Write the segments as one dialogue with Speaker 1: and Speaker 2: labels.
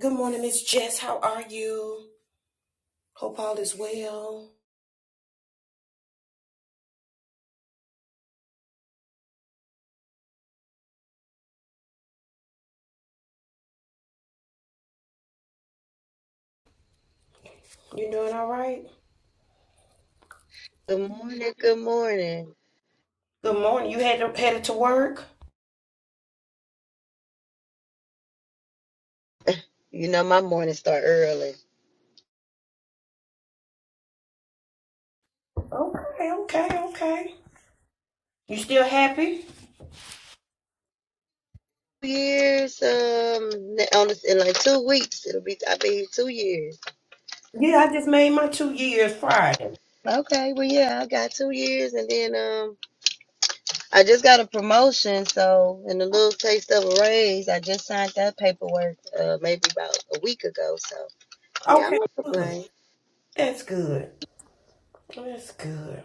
Speaker 1: Good morning, Miss Jess. How are you? Hope all is well. You doing all right?
Speaker 2: Good morning, good morning.
Speaker 1: Good morning. You headed headed to work?
Speaker 2: You know my mornings start early.
Speaker 1: Okay, okay, okay. You still happy?
Speaker 2: Two years, um, ne- on this, in like two weeks, it'll be I'll be two years.
Speaker 1: Yeah, I just made my two years Friday.
Speaker 2: Okay, well yeah, I got two years, and then um, I just got a promotion, so and a little taste of a raise. I just signed that paperwork, uh, maybe about a week ago. So yeah, I
Speaker 1: Okay,
Speaker 2: won't
Speaker 1: good.
Speaker 2: complain.
Speaker 1: That's good. That's good.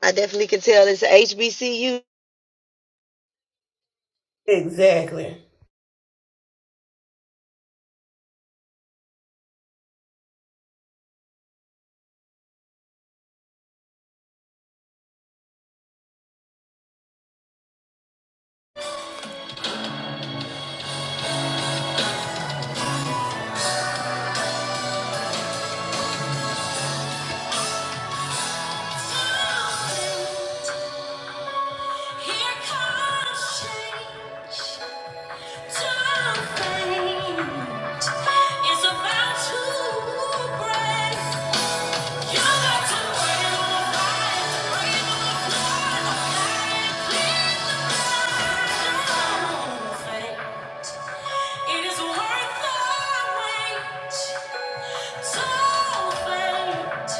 Speaker 2: I definitely can tell it's a HBCU.
Speaker 1: Exactly. Here comes change. Something is about to break It is worth the wait. So faint.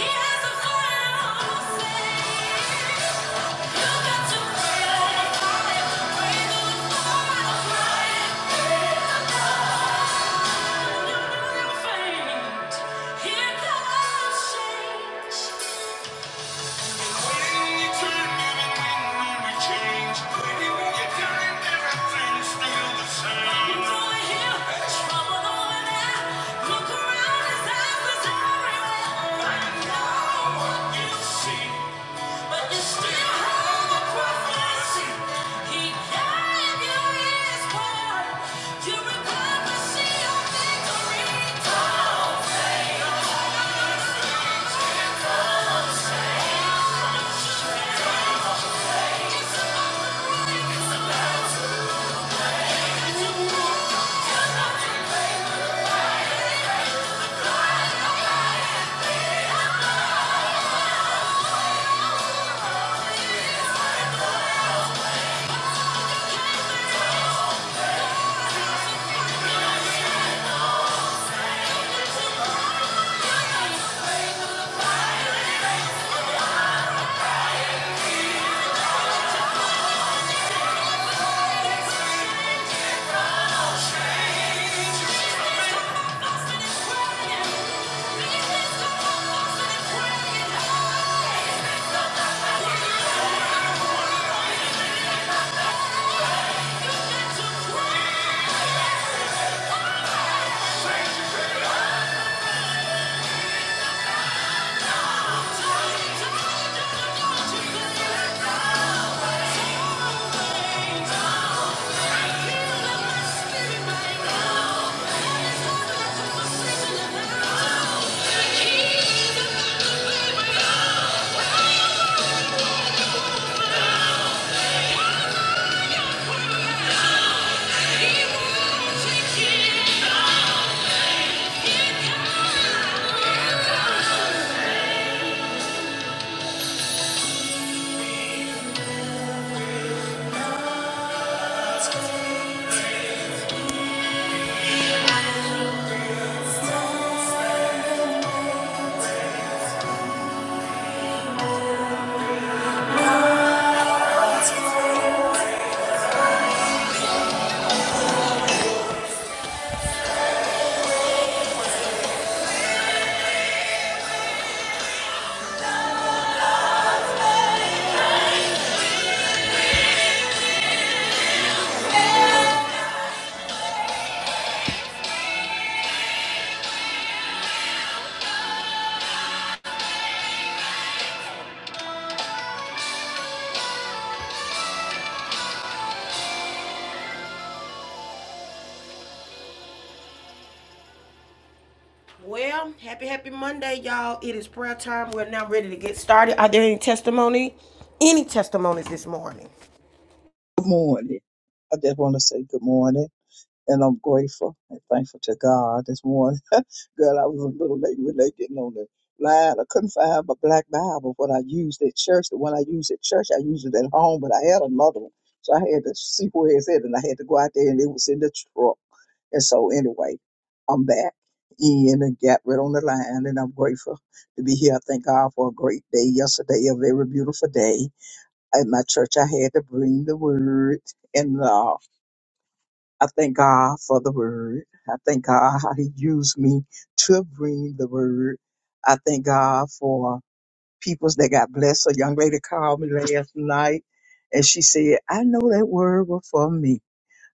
Speaker 1: He has a final say. You got to wait for it. Wait for it. Faint. Here comes change. You recover, see your victory. Oh, Well, happy, happy Monday, y'all. It is prayer time. We're now ready to get started. Are there any testimony? Any testimonies this morning?
Speaker 3: Good morning. I just want to say good morning, and I'm grateful and thankful to God this morning. Girl, I was a little late with late getting on the line. I couldn't find my black Bible, what I used at church. The one I used at church, I used it at home, but I had another one. So I had to see where it's at, and I had to go out there, and it was in the truck. And so, anyway, I'm back in and got right on the line, and I'm grateful to be here. I thank God for a great day yesterday, a very beautiful day at my church, I had to bring the word. And uh, I thank God for the word. I thank God how He used me to bring the word. I thank God for peoples that got blessed. A young lady called me last night and she said, I know that word was for me.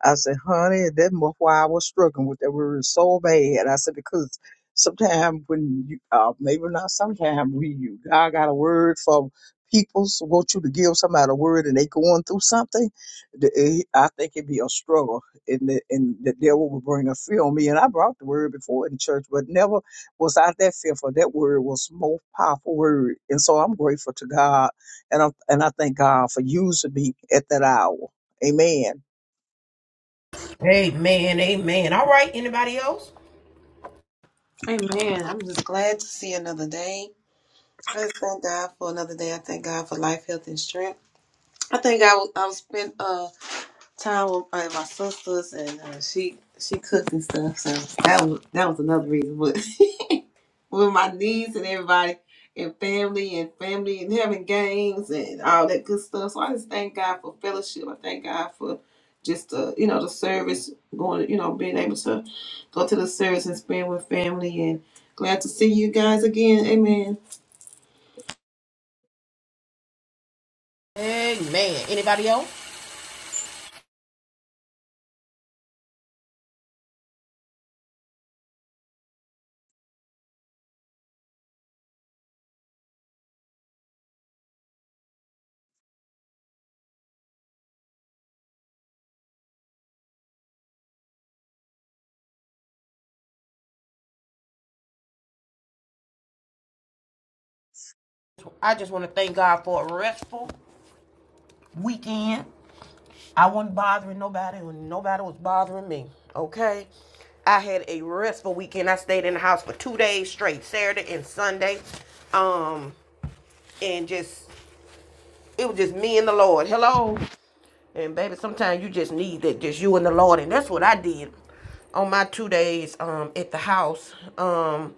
Speaker 3: I said, honey, that was why I was struggling with that word so bad. I said, because sometimes when you, uh, maybe not sometimes we, you, God got a word for people, so want you to give somebody a word and they going through something. the- it- I think it'd be a struggle and the, and the devil would bring a fear on me. And I brought the word before in church, but never was I that fearful. That word was the most powerful word. And so I'm grateful to God and I, and I thank God for using me at that hour. Amen.
Speaker 1: Amen, amen. All right, anybody else?
Speaker 4: Amen. I'm just glad to see another day. I just thank God for another day. I thank God for life, health, and strength. I think I will, I'll spend uh time with uh, my sisters and uh, she she cooked and stuff. So that was that was another reason. with my niece and everybody and family and family and having games and all that good stuff. So I just thank God for fellowship. I thank God for just the you know the service going you know being able to go to the service and spend with family and glad to see you guys again. Amen.
Speaker 1: Amen. Anybody else? I just want to thank God for a restful weekend. I wasn't bothering nobody when nobody was bothering me. Okay. I had a restful weekend. I stayed in the house for two days straight, Saturday and Sunday. Um, and just it was just me and the Lord. Hello. And baby, sometimes you just need that, just you and the Lord. And that's what I did on my two days um at the house. Um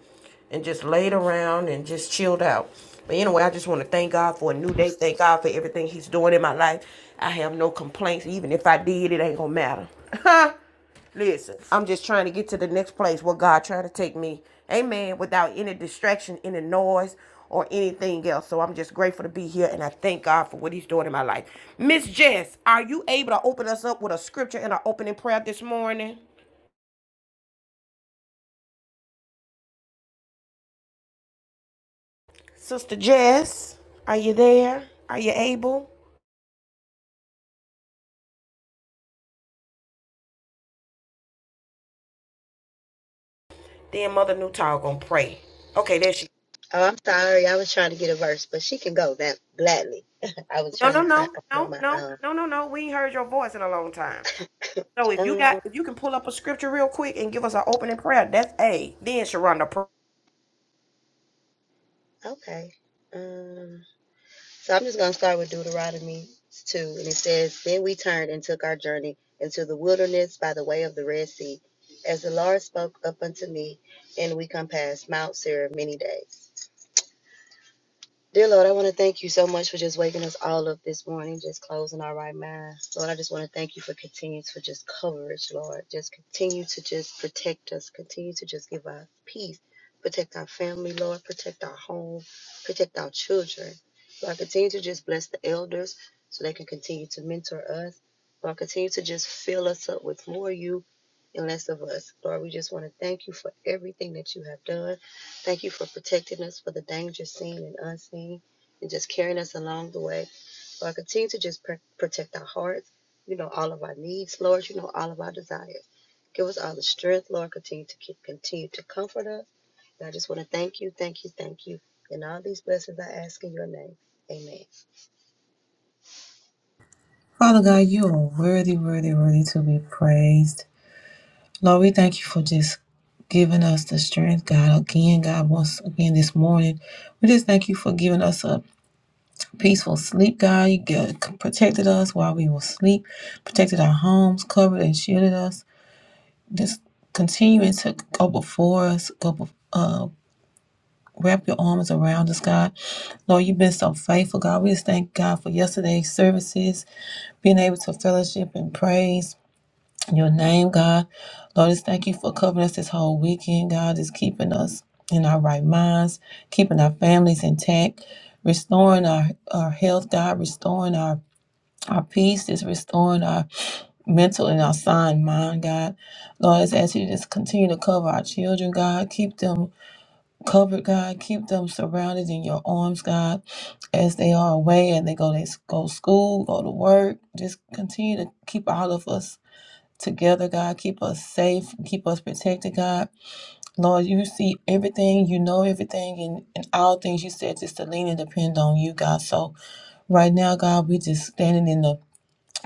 Speaker 1: and just laid around and just chilled out. But anyway, I just want to thank God for a new day. Thank God for everything He's doing in my life. I have no complaints. Even if I did, it ain't gonna matter. Listen, I'm just trying to get to the next place where God trying to take me. Amen. Without any distraction, any noise, or anything else. So I'm just grateful to be here and I thank God for what He's doing in my life. Miss Jess, are you able to open us up with a scripture and an opening prayer this morning? Sister Jess, are you there? Are you able? Then Mother Newtall gonna pray. Okay, there she
Speaker 2: Oh, I'm sorry, I was trying to get a verse, but she can go that gladly. I was
Speaker 1: No, no,
Speaker 2: trying to find
Speaker 1: no,
Speaker 2: on
Speaker 1: no, no, no,
Speaker 2: my
Speaker 1: no, no. no. We ain't heard your voice in a long time. So if you
Speaker 2: um.
Speaker 1: got if you can pull up a scripture real quick and give us an opening prayer, that's a then Sharonda. pray.
Speaker 2: Okay. Um, so I'm just going to start with Deuteronomy 2. And it says, Then we turned and took our journey into the wilderness by the way of the Red Sea, as the Lord spoke up unto me, and we compassed Mount Seir many days. Dear Lord, I want to thank you so much for just waking us all up this morning, just closing our right minds. Lord, I just want to thank you for continuing for just coverage, Lord. Just continue to just protect us, continue to just give us peace, protect our family, Lord, protect our home, protect our children. Lord, continue to just bless the elders so they can continue to mentor us. Lord, continue to just fill us up with more of you and less of us. Lord, we just want to thank you for everything that you have done. Thank you for protecting us for the dangers seen and unseen and just carrying us along the way. Lord, continue to just pr- protect our hearts. You know all of our needs, Lord. You know all of our desires. Give us all the strength, Lord. Continue to keep, continue to comfort us. And I just want to thank you, thank you, thank you. And all these blessings I ask in your name. Amen.
Speaker 4: Father God, you are worthy, worthy, worthy to be praised. Lord, we thank you for just giving us the strength, God, again, God, once again this morning. We just thank you for giving us a peaceful sleep, God. You get, protected us while we were asleep, protected our homes, covered and shielded us. Just continuing to go before us, go bef- uh, wrap your arms around us, God. Lord, you've been so faithful, God. We just thank God for yesterday's services, being able to fellowship and praise your name, God. Lord, just thank you for covering us this whole weekend, God. Just keeping us in our right minds, keeping our families intact restoring our, our health, God, restoring our Our peace is restoring our mental and our sound mind, God. Lord, I just ask you to just continue to cover our children, God. Keep them covered, God. Keep them surrounded in your arms, God, as they are away and they go to go to school, go to work. Just continue to keep all of us together, God. Keep us safe. Keep us protected, God. Lord, you see everything. You know everything. And, and all things you said just to lean and depend on you, God. So right now, God, we just standing in the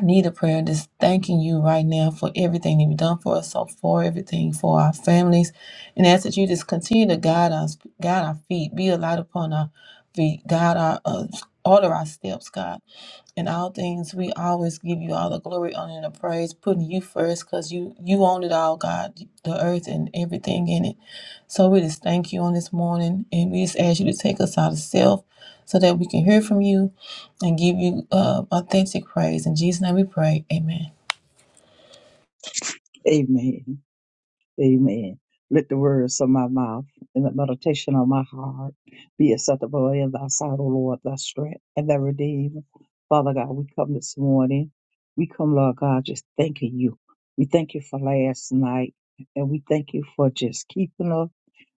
Speaker 4: need a prayer, just thanking you right now for everything that you've done for us, so for everything for our families, and ask that you just continue to guide us, guide our feet, be a light upon our feet, guide our uh, order our steps, God in all things we always give you all the glory honor and the praise putting you first because you you own it all god the earth and everything in it so we just thank you on this morning and we just ask you to take us out of self so that we can hear from you and give you uh, authentic praise in jesus name we pray amen
Speaker 3: Amen. Amen. Let the words of my mouth and the meditation of my heart be acceptable in thy sight, O Lord, thy strength and thy redeemer. Father God, we come this morning. We come, Lord God, just thanking you. We thank you for last night and we thank you for just keeping us.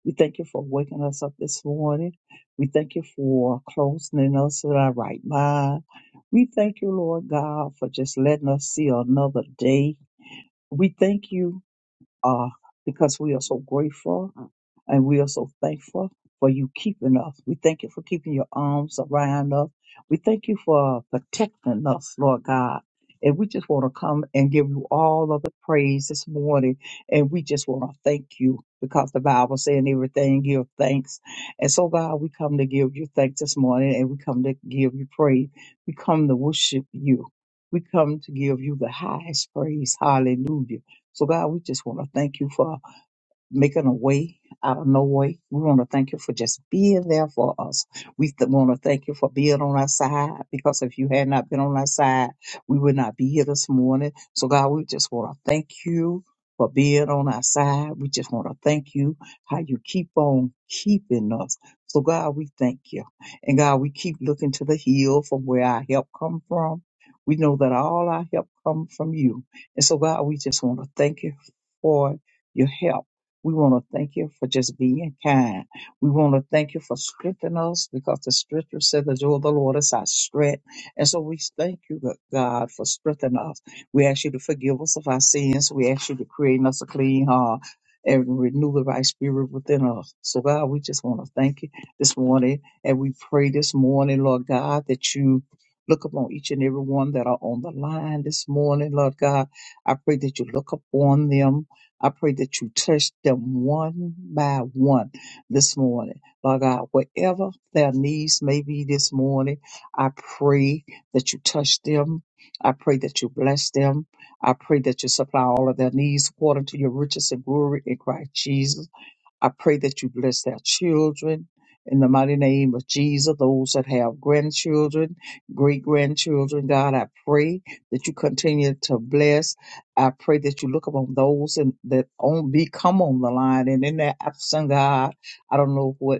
Speaker 3: We thank you for waking us up this morning. We thank you for closing us with our right mind. We thank you, Lord God, for just letting us see another day. We thank you uh, because we are so grateful and we are so thankful for you keeping us. We thank you for keeping your arms around us. We thank you for protecting us, Lord God. And we just want to come and give you all of the praise this morning. And we just want to thank you because the Bible saying everything give thanks. And so, God, we come to give you thanks this morning and we come to give you praise. We come to worship you. We come to give you the highest praise. Hallelujah. So, God, we just want to thank you for making a way out of no way. We want to thank you for just being there for us. We th- want to thank you for being on our side because if you had not been on our side, we would not be here this morning. So, God, we just want to thank you for being on our side. We just want to thank you how you keep on keeping us. So, God, we thank you. And God, we keep looking to the hill from where our help come from. We know that all our help come from you. And so, God, we just want to thank you for your help. We want to thank you for just being kind. We want to thank you for strengthening us because the scripture said the joy of the Lord is our strength. And so we thank you, G- God, for strengthening us. We ask you to forgive us of our sins. We ask you to create in us a clean heart and renew the right spirit within us. So, God, we just want to thank you this morning. And we pray this morning, Lord God, that you look upon each and every one that are on the line this morning, Lord God. I pray that you look upon them. I pray that you touch them one by one this morning. Lord God, whatever their needs may be this morning, I pray that you touch them. I pray that you bless them. I pray that you supply all of their needs according to your riches and glory in Christ Jesus. I pray that you bless their children in the mighty name of Jesus. Those that have grandchildren, great grandchildren, God, I pray that you continue to bless. I pray that you look upon those and that on be come on the line and in their absent, God. I don't know what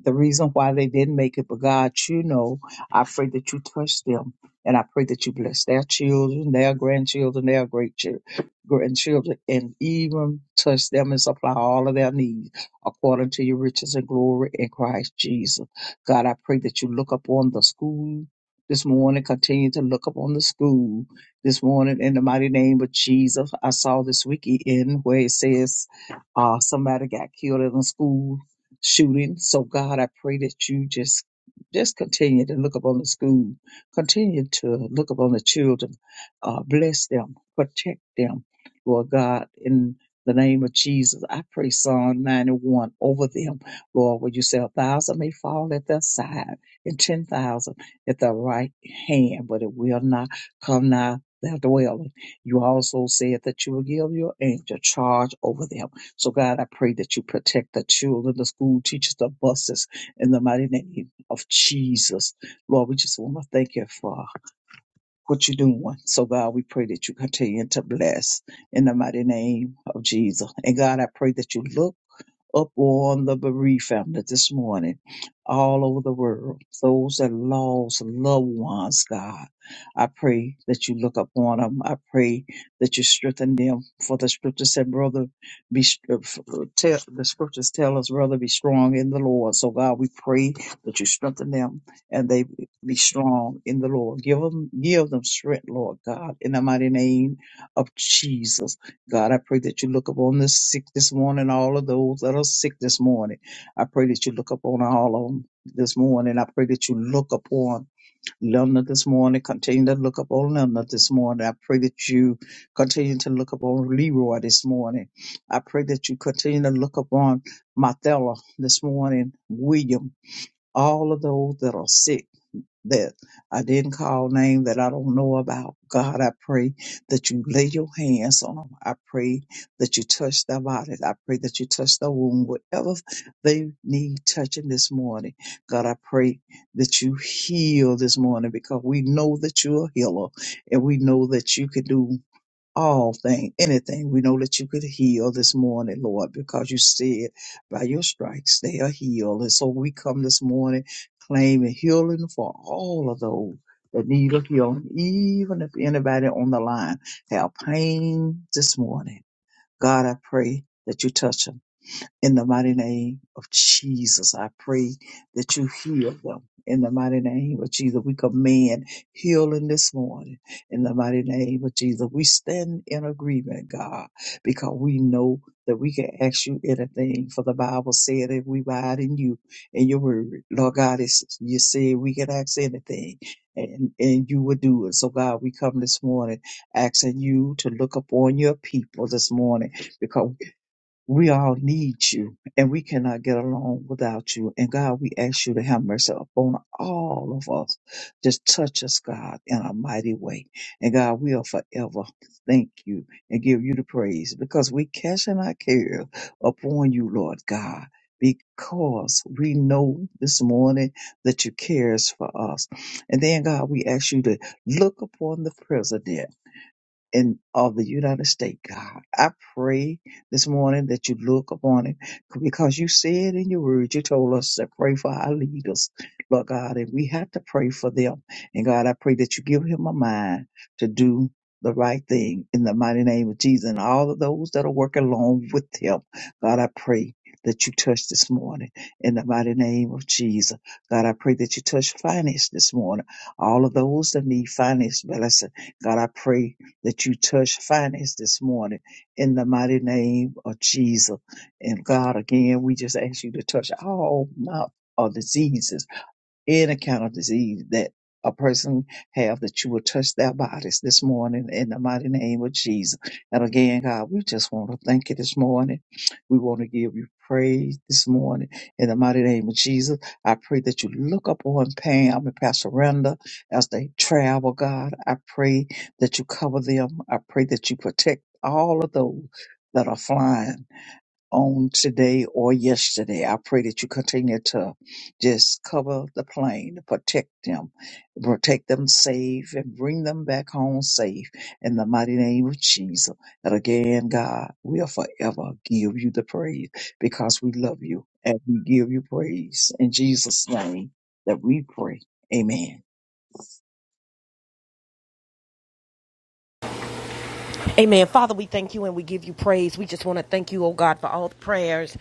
Speaker 3: the reason why they didn't make it, but God, you know, I pray that you touch them and I pray that you bless their children, their grandchildren, their great chil- grandchildren, and even touch them and supply all of their needs according to your riches and glory in Christ Jesus. God, I pray that you look upon the school this morning, continue to look upon the school this morning in the mighty name of Jesus. I saw this weekend where it says uh, somebody got killed in a school shooting. So God, I pray that you just just continue to look upon the school, continue to look upon the children, uh, bless them, protect them, Lord God, in the name of Jesus. I pray Psalm 91 over them, Lord, Would you say a thousand may fall at their side and 10,000 at their right hand, but it will not come nigh their dwelling. You also said that you will give your angel charge over them so, God, I pray that you protect the children, the school teachers, the buses, in the mighty name of Jesus. Lord, we just want to thank you for what you're doing. So, God, we pray that you continue to bless in the mighty name of Jesus. And, God, I pray that you look up on the bereaved family this morning all over the world. Those that lost loved ones, God, I pray that you look upon them. I pray that you strengthen them. For the scripture said, brother, be uh, f- uh, tell, the scriptures tell us, brother, be strong in the Lord. So God, we pray that you strengthen them and they be strong in the Lord. Give them, give them strength, Lord God, in the mighty name of Jesus. God, I pray that you look upon the sick this morning, all of those that are sick this morning. I pray that you look upon all of them this morning. I pray that you look upon Linda this morning. Continue to look upon Linda this morning. I pray that you continue to look upon Leroy this morning. I pray that you continue to look upon Mathella this morning, William, all of those that are sick that I didn't call name that I don't know about. God, I pray that you lay your hands on them. I pray that you touch their bodies. I pray that you touch their wound, whatever they need touching this morning. God, I pray that you heal this morning because we know that you're a healer and we know that you can do all thing, anything. We know that you could heal this morning, Lord, because you said by your stripes they are healed. And so we come this morning claiming healing for all of those that need a healing, even if anybody on the line have pain this morning. God, I pray that you touch them. In the mighty name of Jesus, I pray that you heal them. In the mighty name of Jesus, we command healing this morning. In the mighty name of Jesus, we stand in agreement, God, because we know that we can ask you anything. For the Bible said that we abide in you and your word. Lord God, it's, you said we can ask anything. And, and you will do it. So God, we come this morning asking you to look upon your people this morning because. We all need you, and we cannot get along without you. And God, we ask you to have mercy upon all of us. Just touch us, God, in a mighty way. And God, we'll forever thank you and give you the praise because we casting our care upon you, Lord God. Because we know this morning that you cares for us. And then God, we ask you to look upon the president and of the United States, God. I pray this morning that you look upon it because you said in your word, you told us to pray for our leaders, Lord God, and we have to pray for them. And God, I pray that you give him a mind to do the right thing in the mighty name of Jesus and all of those that are working along with him. God, I pray that you touch this morning in the mighty name of Jesus. God, I pray that you touch finance this morning. All of those that need finance blessing. God, I pray that you touch finance this morning in the mighty name of Jesus. And God, again, we just ask you to touch all mouth of diseases any kind of disease that a person have that you will touch their bodies this morning in the mighty name of Jesus. And again, God, we just want to thank you this morning. We want to give you praise this morning in the mighty name of Jesus. I pray that you look up on Pam and Pastor Renda as they travel, God. I pray that you cover them. I pray that you protect all of those that are flying on today or yesterday. I pray that you continue to just cover the plane, protect them, protect them safe, and bring them back home safe in the mighty name of Jesus. And again, God, we'll forever give you the praise because we love you and we give you praise in Jesus' name that we pray. Amen.
Speaker 1: Amen. Father, we thank you and we give you praise. We want to thank God for all the prayers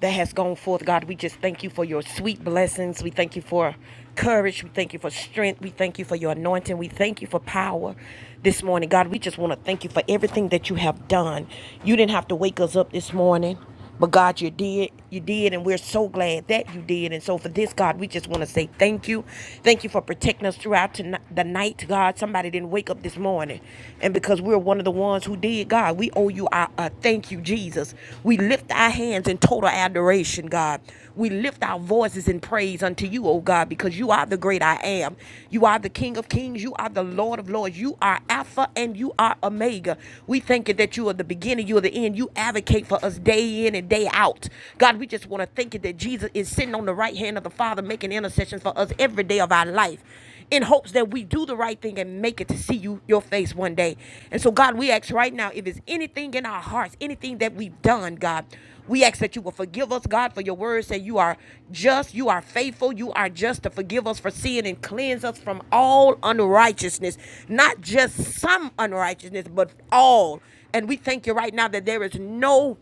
Speaker 1: that has gone forth. God, we just thank you for your sweet blessings. We thank you for courage. We thank you for strength. We thank you for your anointing. We thank you for power this morning. God, we just want to thank you for everything that you have done. You didn't have to wake us up this morning. But God, you did. You did. And we're so glad that you did. And so for this, God, we just want to say thank you. Thank you for protecting us throughout tonight, the night, God. Somebody didn't wake up this morning. And because we're one of the ones who did, God, we owe you our uh, thank you, Jesus. We lift our hands in total adoration, God. We lift our voices in praise unto you, O God, because you are the great I am. You are the King of kings. You are the Lord of lords. You are Alpha and you are Omega. We thank you that you are the beginning, you are the end. You advocate for us day in and day out. God, we just want to thank you that Jesus is sitting on the right hand of the Father, making intercessions for us every day of our life in hopes that we do the right thing and make it to see you your face one day. And so God, we ask right now if it's anything in our hearts, anything that we've done, God, we ask that you will forgive us, God, for your word say you are just, you are faithful, you are just to forgive us for sin and cleanse us from all unrighteousness, not just some unrighteousness, but all. And we thank you right now that there is no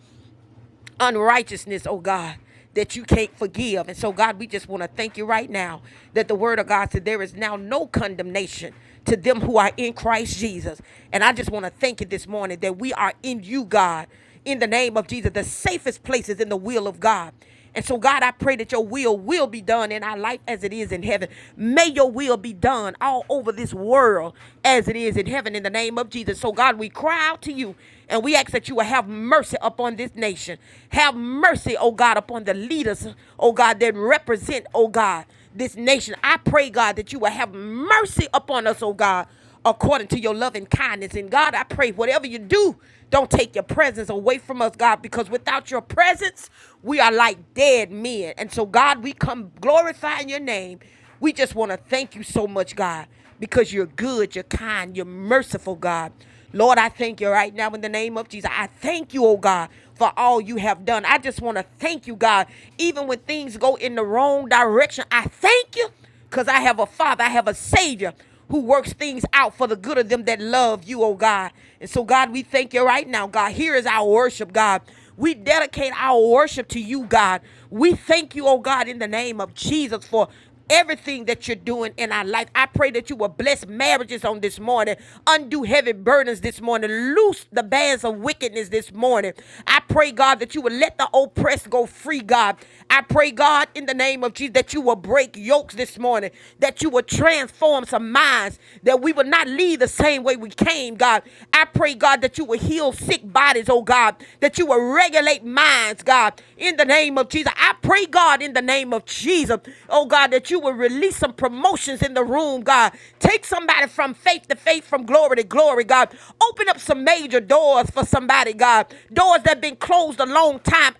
Speaker 1: unrighteousness, oh God, that you can't forgive. And so, God, we just want to thank you right now that the word of God said there is now no condemnation to them who are in Christ Jesus. And I just want to thank you this morning that we are in you, God, in the name of Jesus, the safest places in the will of God. And so, God, I pray that your will will be done in our life as it is in heaven. May your will be done all over this world as it is in heaven in the name of Jesus. So, God, we cry out to you and we ask that you will have mercy upon this nation. Have mercy, oh God, upon the leaders, oh God, that represent, oh God, this nation. I pray, God, that you will have mercy upon us, oh God according to your loving kindness. And God, I pray whatever you do, don't take your presence away from us, God, because without your presence, we are like dead men. And so, God, we come glorifying your name. We just want to thank you so much, God, because you're good, you're kind, you're merciful, God. Lord, I thank you right now in the name of Jesus. I thank you, oh God, for all you have done. I just want to thank you, God, even when things go in the wrong direction. I thank you because I have a Father, I have a Savior who works things out for the good of them that love you, oh God. And so, God, we thank you right now, God. Here is our worship, God. We dedicate our worship to you, God. We thank you, oh God, in the name of Jesus for everything that you're doing in our life. I pray that you will bless marriages on this morning, undo heavy burdens this morning, loose the bands of wickedness this morning. I pray, God, that you will let the oppressed go free, God. I I pray, God, in the name of Jesus, that you will break yokes this morning, that you will transform some minds, that we will not leave the same way we came, God. I pray, God, that you will heal sick bodies, oh God, that you will regulate minds, God, in the name of Jesus. I pray, God, in the name of Jesus, oh God, that you will release some promotions in the room, God. Take somebody from faith to faith, from glory to glory, God. Open up some major doors for somebody, God. Doors that have been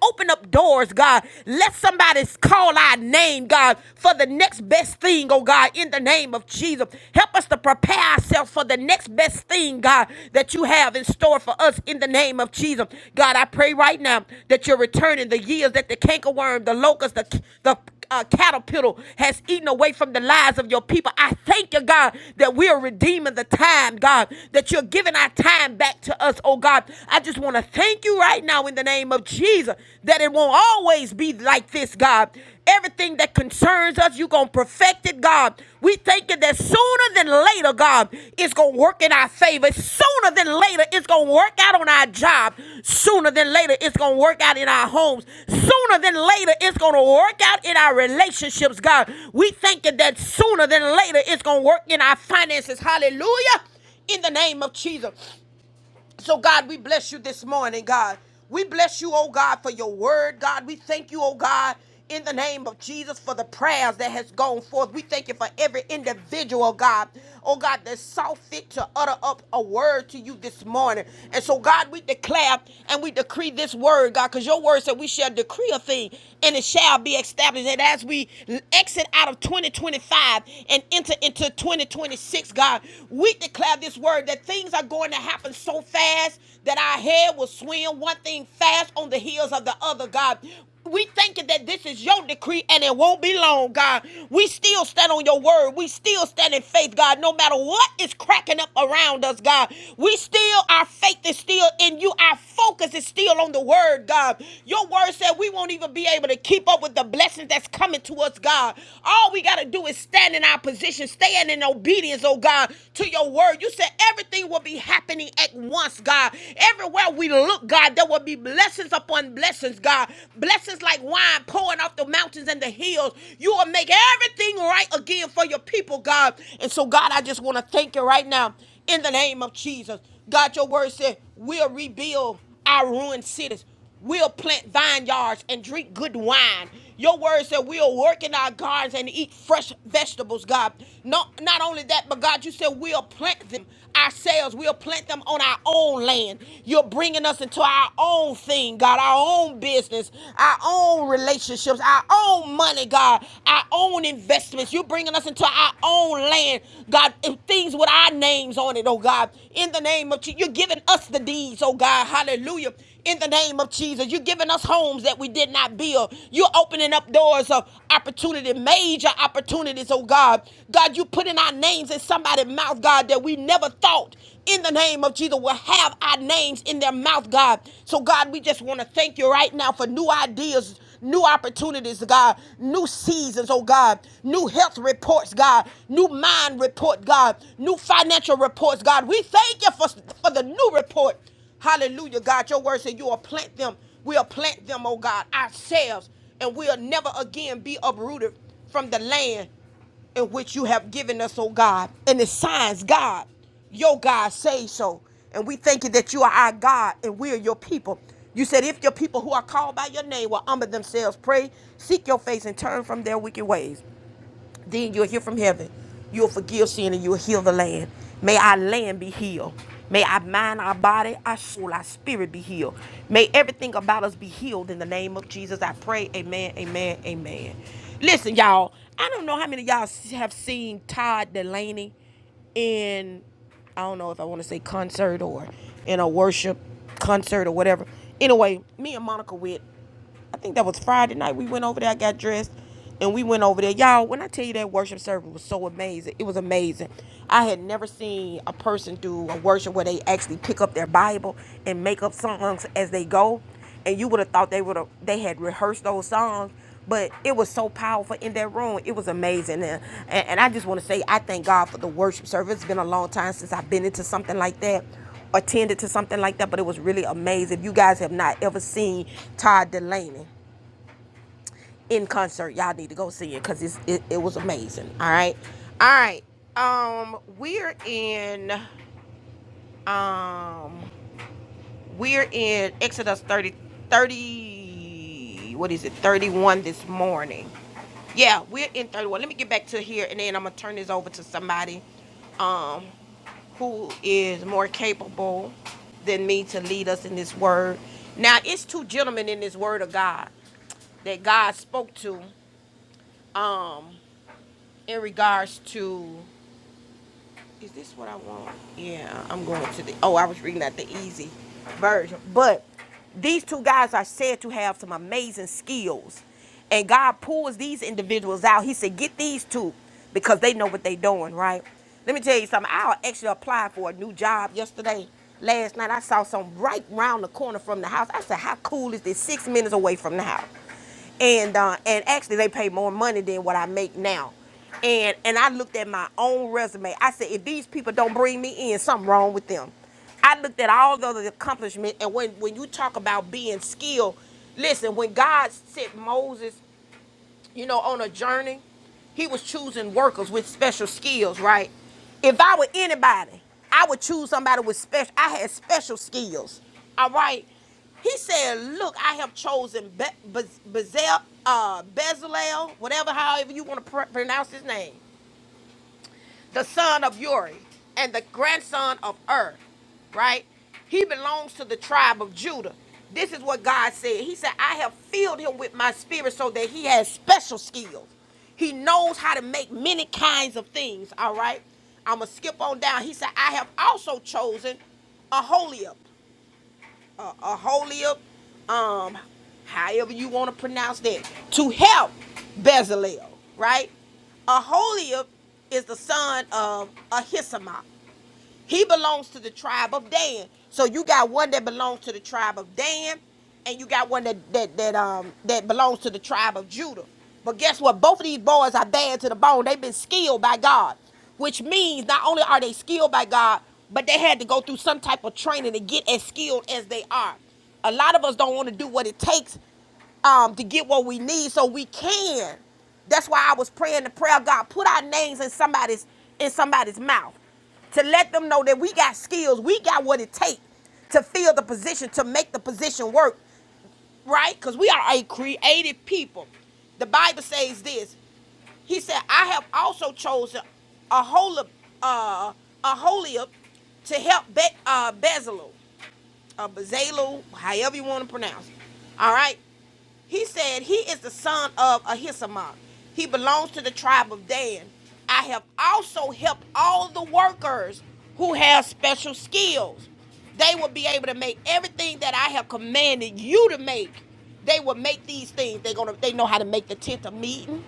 Speaker 1: opened up all our things. name of Jesus. Help us to prepare ourselves for the next best thing that's stored for us. In the name of Jesus. God, I pray right now that you're returning the years that the cankerworm, the locust, the uh, caterpillar has eaten away from the lives of your people. I thank you, God, that we are redeeming the time, God, that you're giving our time back to us, oh God. I just want to thank you right now in the name of Jesus that it won't always be like this, God. Everything that concerns us, you're going to perfect it, God. We thank you that soon sooner than later, God, it's going to work in our favor. Sooner than later, it's going to work out on our job. Sooner than later, it's going to work out in our homes. Sooner than later, it's going to work out in our relationships, God. We thank that sooner than later, it's going to work in our finances. Hallelujah. In the name of Jesus. So, God, we bless you this morning, God. We bless you, oh God, for your word, God. We thank you, oh God, in the name of Jesus for the prayers that has gone forth. We thank you for every individual, God, oh God, that saw fit to utter up a word to you this morning. And so, God, we declare and we decree this word, God, because your word said we shall decree a thing and it shall be established. And as we exit out of 2025 and enter into 2026, 26, God, we declare this word that things are going to happen so fast that our head will swim one thing fast on the heels of the other, God. We thinking that this is your decree and it won't be long, God. We still stand on your word. We still stand in faith, God, no matter what is cracking up around us, God. We still, our faith is still in you. Our focus is still on the word, God. Your word said we won't even be able to keep up with the blessings that's coming to us, God. God. All we got to do is stand in our position, stand in obedience, oh God, to your word. You said everything will be happening at once, God. Everywhere we look, God, there will be blessings upon blessings, God. Blessings like wine pouring off the mountains and the hills. You will make everything right again for your people, God. And so, God, I just want to thank you right now in the name of Jesus. God, your word said, we'll rebuild our ruined cities. We'll plant vineyards and drink good wine. Your word said we'll work in our gardens and eat fresh vegetables, God. Not, not only that, but God, you said we'll plant them ourselves. We'll plant them on our own land. You're bringing us into our own thing, God, our own business, our own relationships, our own money, God, our own investments. You're bringing us into our own land, God, and things with our names on it, oh God. In the name of Jesus, you're giving us the deeds, oh God. Hallelujah in the name of Jesus. You're giving us homes that we did not build. You're opening up doors of opportunity, major opportunities, oh God. God, you putting our names in somebody's mouth, God, that we never thought in the name of Jesus will have our names in their mouth, God. So, God, we just want to thank you right now for new ideas. New opportunities, God, new seasons, oh God, new health reports, God, new mind report, God, new financial reports, God. We thank you for, for the new report Hallelujah, God. Your word said you will plant them. We'll plant them, oh God, ourselves, and we'll never again be uprooted from the land in which you have given us, oh God. And the signs, God, your God say so. And we thank you that you are our God and we are your people. You said, if your people who are called by your name will humble themselves, pray, seek your face, and turn from their wicked ways then you'll hear from heaven. You'll forgive sin and you'll heal the land. May our land be healed. May our mind, our body, our soul, our spirit be healed. May everything about us be healed in the name of Jesus. I pray. Amen, amen, amen. Listen, y'all, I don't know how many of y'all have seen Todd Delaney in, I don't know if I want to say concert or in a worship concert or whatever. Anyway, me and Monica went I think that was Friday night. We went over there. I got dressed, and we went over there. Y'all, when I tell you that worship service was so amazing, it was amazing. I had never seen a person do a worship where they actually pick up their Bible and make up songs as they go, and you would have thought they would have they had rehearsed those songs. But it was so powerful in that room. It was amazing. And, and, and I just want to say, I thank God for the worship service. It's been a long time since I've been into something like that attended to something like that, but it was really amazing. If you guys have not ever seen Todd Delaney in concert, y'all need to go see it because it's it, it was amazing. All right, all right. Um, we're in um we're in Exodus 30 30. what is it 31 this morning. Yeah, we're in 31. Let me get back to here and then I'm gonna turn this over to somebody Um. who is more capable than me to lead us in this word. Now, it's two gentlemen in this word of God that God spoke to um, in regards to is this what I want? Yeah, I'm going to the. Oh, I was reading out the easy version. But these two guys are said to have some amazing skills. And God pulls these individuals out. He said, Get these two because they know what they're doing, right? Let me tell you something. I actually applied for a new job yesterday. Last night, I saw some right round the corner from the house. I said, How cool is this? Six minutes away from the house and uh, and actually they pay more money than what I make now. And and I looked at my own resume. I said, if these people don't bring me in, something wrong with them. I looked at all the other accomplishments, and when when you talk about being skilled, listen, when God sent Moses you know, on a journey, he was choosing workers with special skills, right? If I were anybody, I would choose somebody with special, I had special skills, all right? He said, look, I have chosen Be- Bez- Bezel, uh, Bezalel, whatever, however you want to pr- pronounce his name the son of Uri and the grandson of Ur, right? He belongs to the tribe of Judah. This is what God said. He said, I have filled him with my spirit so that he has special skills. He knows how to make many kinds of things, all right? I'm going to skip on down. He said, I have also chosen Aholiab uh, uh, Aholiab, um, however you want to pronounce that, to help Bezalel, right? Aholiab is the son of Ahisamach. He belongs to the tribe of Dan. So you got one that belongs to the tribe of Dan, and you got one that that that um that belongs to the tribe of Judah. But guess what? Both of these boys are bad to the bone. They've been skilled by God, which means not only are they skilled by God, but they had to go through some type of training to get as skilled as they are. A lot of us don't want to do what it takes um, to get what we need so we can. That's why I was praying the prayer, God, put our names in somebody's in somebody's mouth to let them know that we got skills, we got what it takes to fill the position, to make the position work, right? Because we are a creative people. The Bible says this. He said, "I have also chosen a holy, uh, a holy to help Be- uh, Bezalel, uh, Bezalel, however you want to pronounce it. All right, he said, He is the son of Ahisamach. He belongs to the tribe of Dan. I have also helped all the workers who have special skills. They will be able to make everything that I have commanded you to make. They will make these things. They're gonna they know how to make the tent of meeting.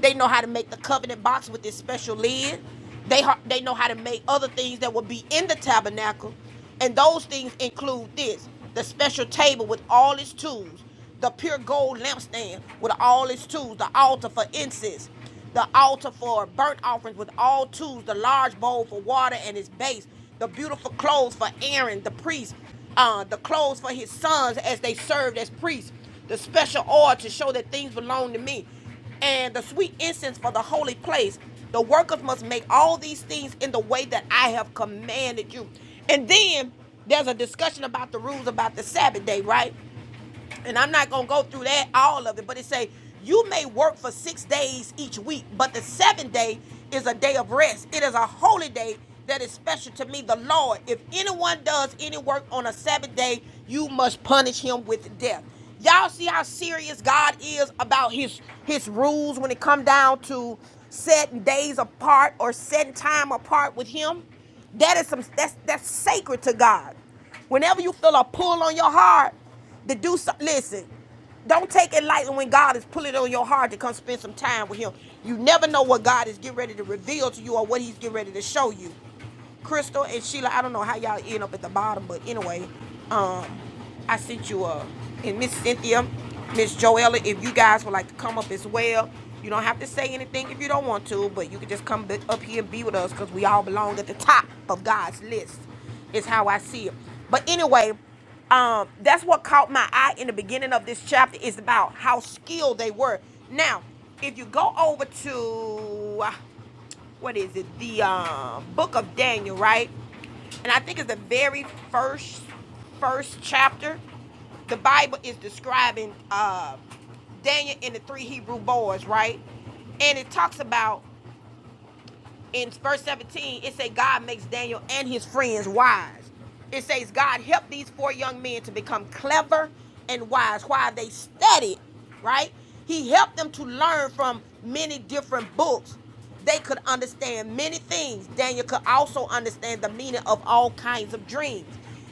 Speaker 1: They know how to make the covenant box with this special lid. They they know how to make other things that will be in the tabernacle, and those things include this: the special table with all its tools, the pure gold lampstand with all its tools, the altar for incense, the altar for burnt offerings with all tools, the large bowl for water and its base, the beautiful clothes for Aaron the priest, uh, the clothes for his sons as they served as priests, the special oil to show that things belong to me and the sweet incense for the holy place. The workers must make all these things in the way that I have commanded you. And then there's a discussion about the rules about the Sabbath day, right? and I'm not gonna go through that all of it, but it say you may work for six days each week, but the seventh day is a day of rest. It is a holy day that is special to me, the Lord. If anyone does any work on a Sabbath day, you must punish him with death. Y'all see how serious God is about his his rules when it come down to setting days apart or setting time apart with him? That is some that's that's sacred to God. Whenever you feel a pull on your heart to do something, listen, don't take it lightly when God is pulling on your heart to come spend some time with Him. You never know what God is getting ready to reveal to you or what He's getting ready to show you. Crystal and Sheila, I don't know how y'all end up at the bottom, but anyway, um, I sent you a and Miss Cynthia, Miss Joella, if you guys would like to come up as well. You don't have to say anything if you don't want to, but you can just come up here and be with us because we all belong at the top of God's list, is how I see it. But anyway, um, that's what caught my eye in the beginning of this chapter is about how skilled they were. Now, if you go over to what is it? The um, book of Daniel, right? And I think it's the very first first chapter. The Bible is describing uh, Daniel and the three Hebrew boys, right? And it talks about in verse 17, it says God makes Daniel and his friends wise. It says God helped these four young men to become clever and wise while they studied, right? He helped them to learn from many different books. They could understand many things. Daniel could also understand the meaning of all kinds of dreams.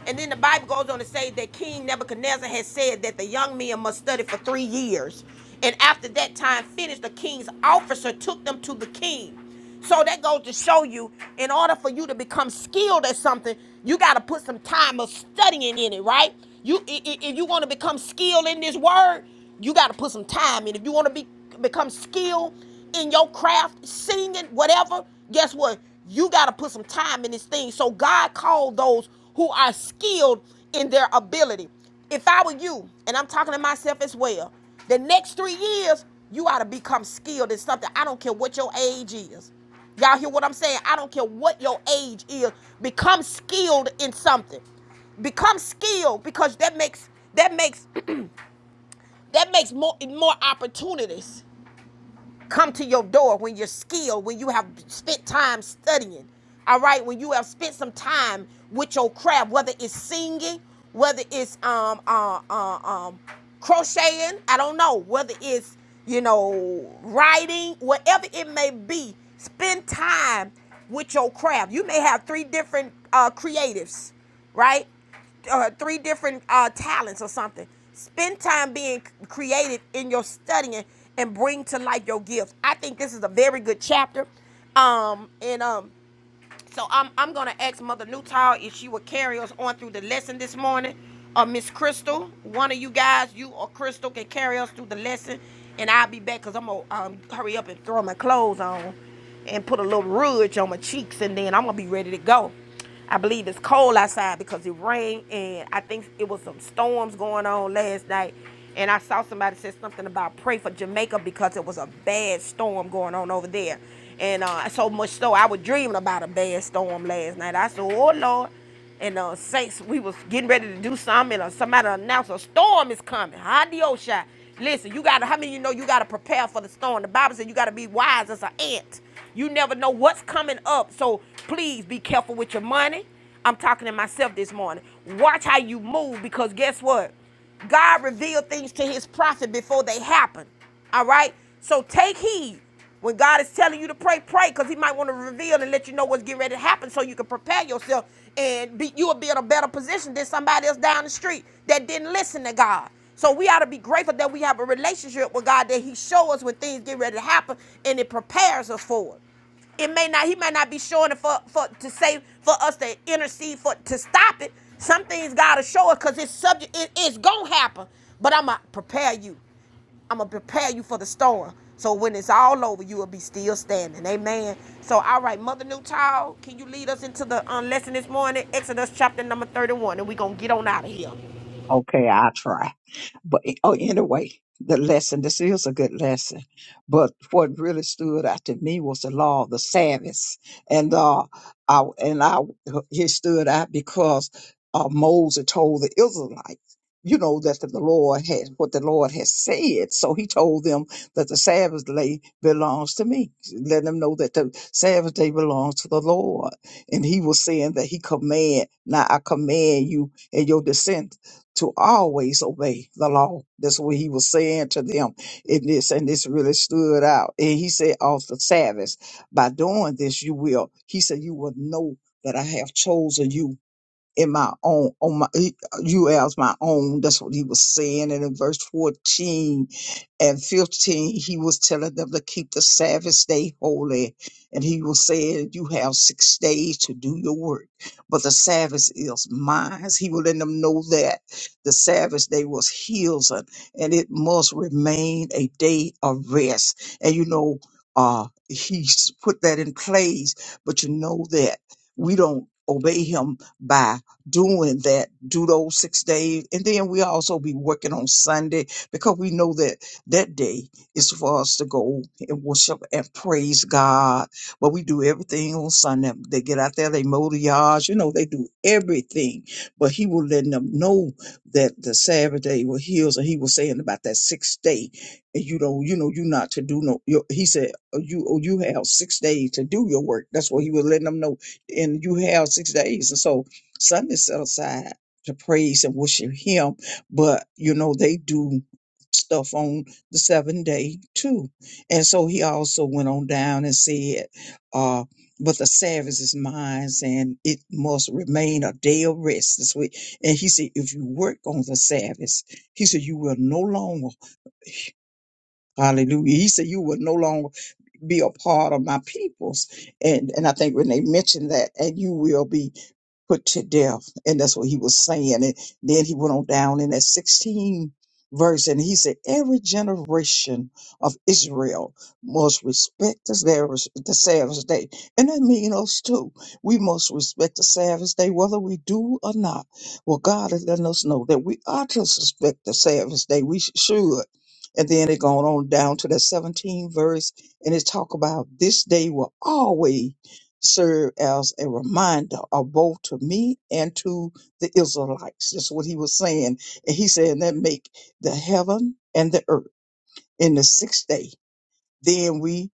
Speaker 1: And then the Bible goes on to say that King Nebuchadnezzar had said that the young men must study for three years. And after that time finished, the king's officer took them to the king. So that goes to show you, in order for you to become skilled at something, you got to put some time of studying in it, right? You, if you want to become skilled in this word, you got to put some time in. If you want to be become skilled in your craft, singing, whatever, guess what? You got to put some time in this thing. So God called those who are skilled in their ability. If I were you, and I'm talking to myself as well, the next three years, you ought to become skilled in something. I don't care what your age is. Y'all hear what I'm saying? I don't care what your age is. Become skilled in something. Become skilled because that makes that makes that makes more more opportunities come to your door when you're skilled, when you have spent time studying. All right, when you have spent some time with your craft, whether it's singing, whether it's um uh, uh, um crocheting, I don't know, whether it's you know writing, whatever it may be, spend time with your craft. You may have three different uh, creatives, right? uh, three different uh, talents or something. Spend time being creative in your studying and bring to life your gifts. I think this is a very good chapter. Um, and um, so I'm, I'm going to ask Mother Newtile if she would carry us on through the lesson this morning. Uh, Miss Crystal, one of you guys, you or Crystal, can carry us through the lesson. And I'll be back because I'm going to um, hurry up and throw my clothes on and put a little rouge on my cheeks. And then I'm going to be ready to go. I believe it's cold outside because it rained, and I think it was some storms going on last night. And I saw somebody said something about pray for Jamaica because it was a bad storm going on over there, and uh, so much so I was dreaming about a bad storm last night. I said, "Oh Lord," and uh, saints, we was getting ready to do something, and uh, somebody announced a storm is coming. Hadiosha. Listen, you gotta. How many of you know you gotta prepare for the storm? The Bible said you gotta be wise as an ant. You never know what's coming up, so please be careful with your money. I'm talking to myself this morning. Watch how you move, because guess what? God revealed things to His prophet before they happen. All right. So take heed. When God is telling you to pray, pray, because He might want to reveal and let you know what's getting ready to happen so you can prepare yourself and be, you will be in a better position than somebody else down the street that didn't listen to God. So we ought to be grateful that we have a relationship with God that He shows us when things get ready to happen and it prepares us for it. It may not, He may not be showing it for, for to say for us to intercede for to stop it. Some things God will show us because it's subject, it, it's gonna happen. But I'ma prepare you. I'm gonna prepare you for the storm. So when it's all over, you will be still standing. Amen. So all right, Mother Newtall, can you lead us into the um, lesson this morning? Exodus chapter number 31, and we're gonna get on out of here.
Speaker 3: Okay, I'll try. But eh, oh, anyway, the lesson, this is a good lesson. But what really stood out to me was the law of the Sabbath. And, uh, I, and I, it stood out because, uh, Moses told the Israelites, you know, that the Lord had, what the Lord has said. So he told them that the Sabbath day belongs to me. Let them know that the Sabbath day belongs to the Lord. And he was saying that he command, now I command you and your descendants to always obey the law. That's what he was saying to them. And this and this really stood out. And he said, off the Sabbath, by doing this, you will. He said, you will know that I have chosen you in my own on my he- you as my own that's what he was saying and in verse 14 and 15 he was telling them to keep the sabbath day holy and he was saying you have six days to do your work but the sabbath is mine he was letting them know that the sabbath day was his and and it must remain a day of rest and you know uh he's put that in place but you know that we don't obey him by doing that, do those six days. And then we also be working on Sunday because we know that that day is for us to go and worship and praise God. But we do everything on Sunday. They get out there, they mow the yards, you know, they do everything. But he will let them know that the Sabbath day was his, and he was saying about that sixth day. And you don't, you know, you not to do no. Your, he said, "Oh, you, oh, you have six days to do your work. That's what he was letting them know. And you have six days, and so Sunday set aside to praise and worship Him, but you know they do stuff on the seventh day too. And so he also went on down and said, uh, "But the Sabbath is mine, and it must remain a day of rest." This week." and he said, "If you work on the Sabbath, he said you will no longer, Hallelujah." He said you will no longer be a part of my peoples, and and I think Renee mentioned that, and you will be put to death. And that's what he was saying. And then he went on down in that 16 verse and he said, Every generation of Israel must respect the Sabbath the Sabbath day. And that means us too. We must respect the Sabbath day, whether we do or not. Well, God has letting us know that we ought to respect the Sabbath day. We sh- should. And then it going on down to that 17 verse, and it talk about this day will always serve as a reminder of both to me and to the Israelites. That's what he was saying. And he said and that make the heaven and the earth in the sixth day. Then we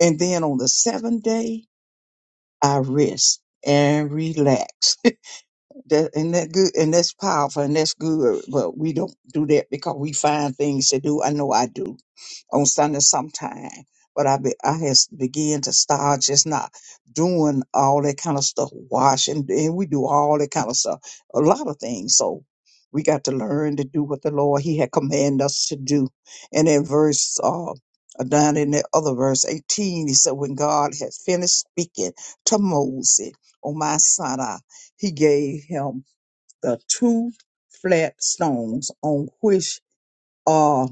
Speaker 3: and then on the seventh day I rest and relax. That and that good and that's powerful and that's good. But we don't do that because we find things to do. I know I do on Sunday sometime. But I be, I has began to start just not doing all that kind of stuff, washing, and we do all that kind of stuff, a lot of things. So we got to learn to do what the Lord He had commanded us to do. And in verse uh, down in that other verse eighteen, He said, "When God had finished speaking to Moses on Mount Sinai." he gave him the two flat stones on which uh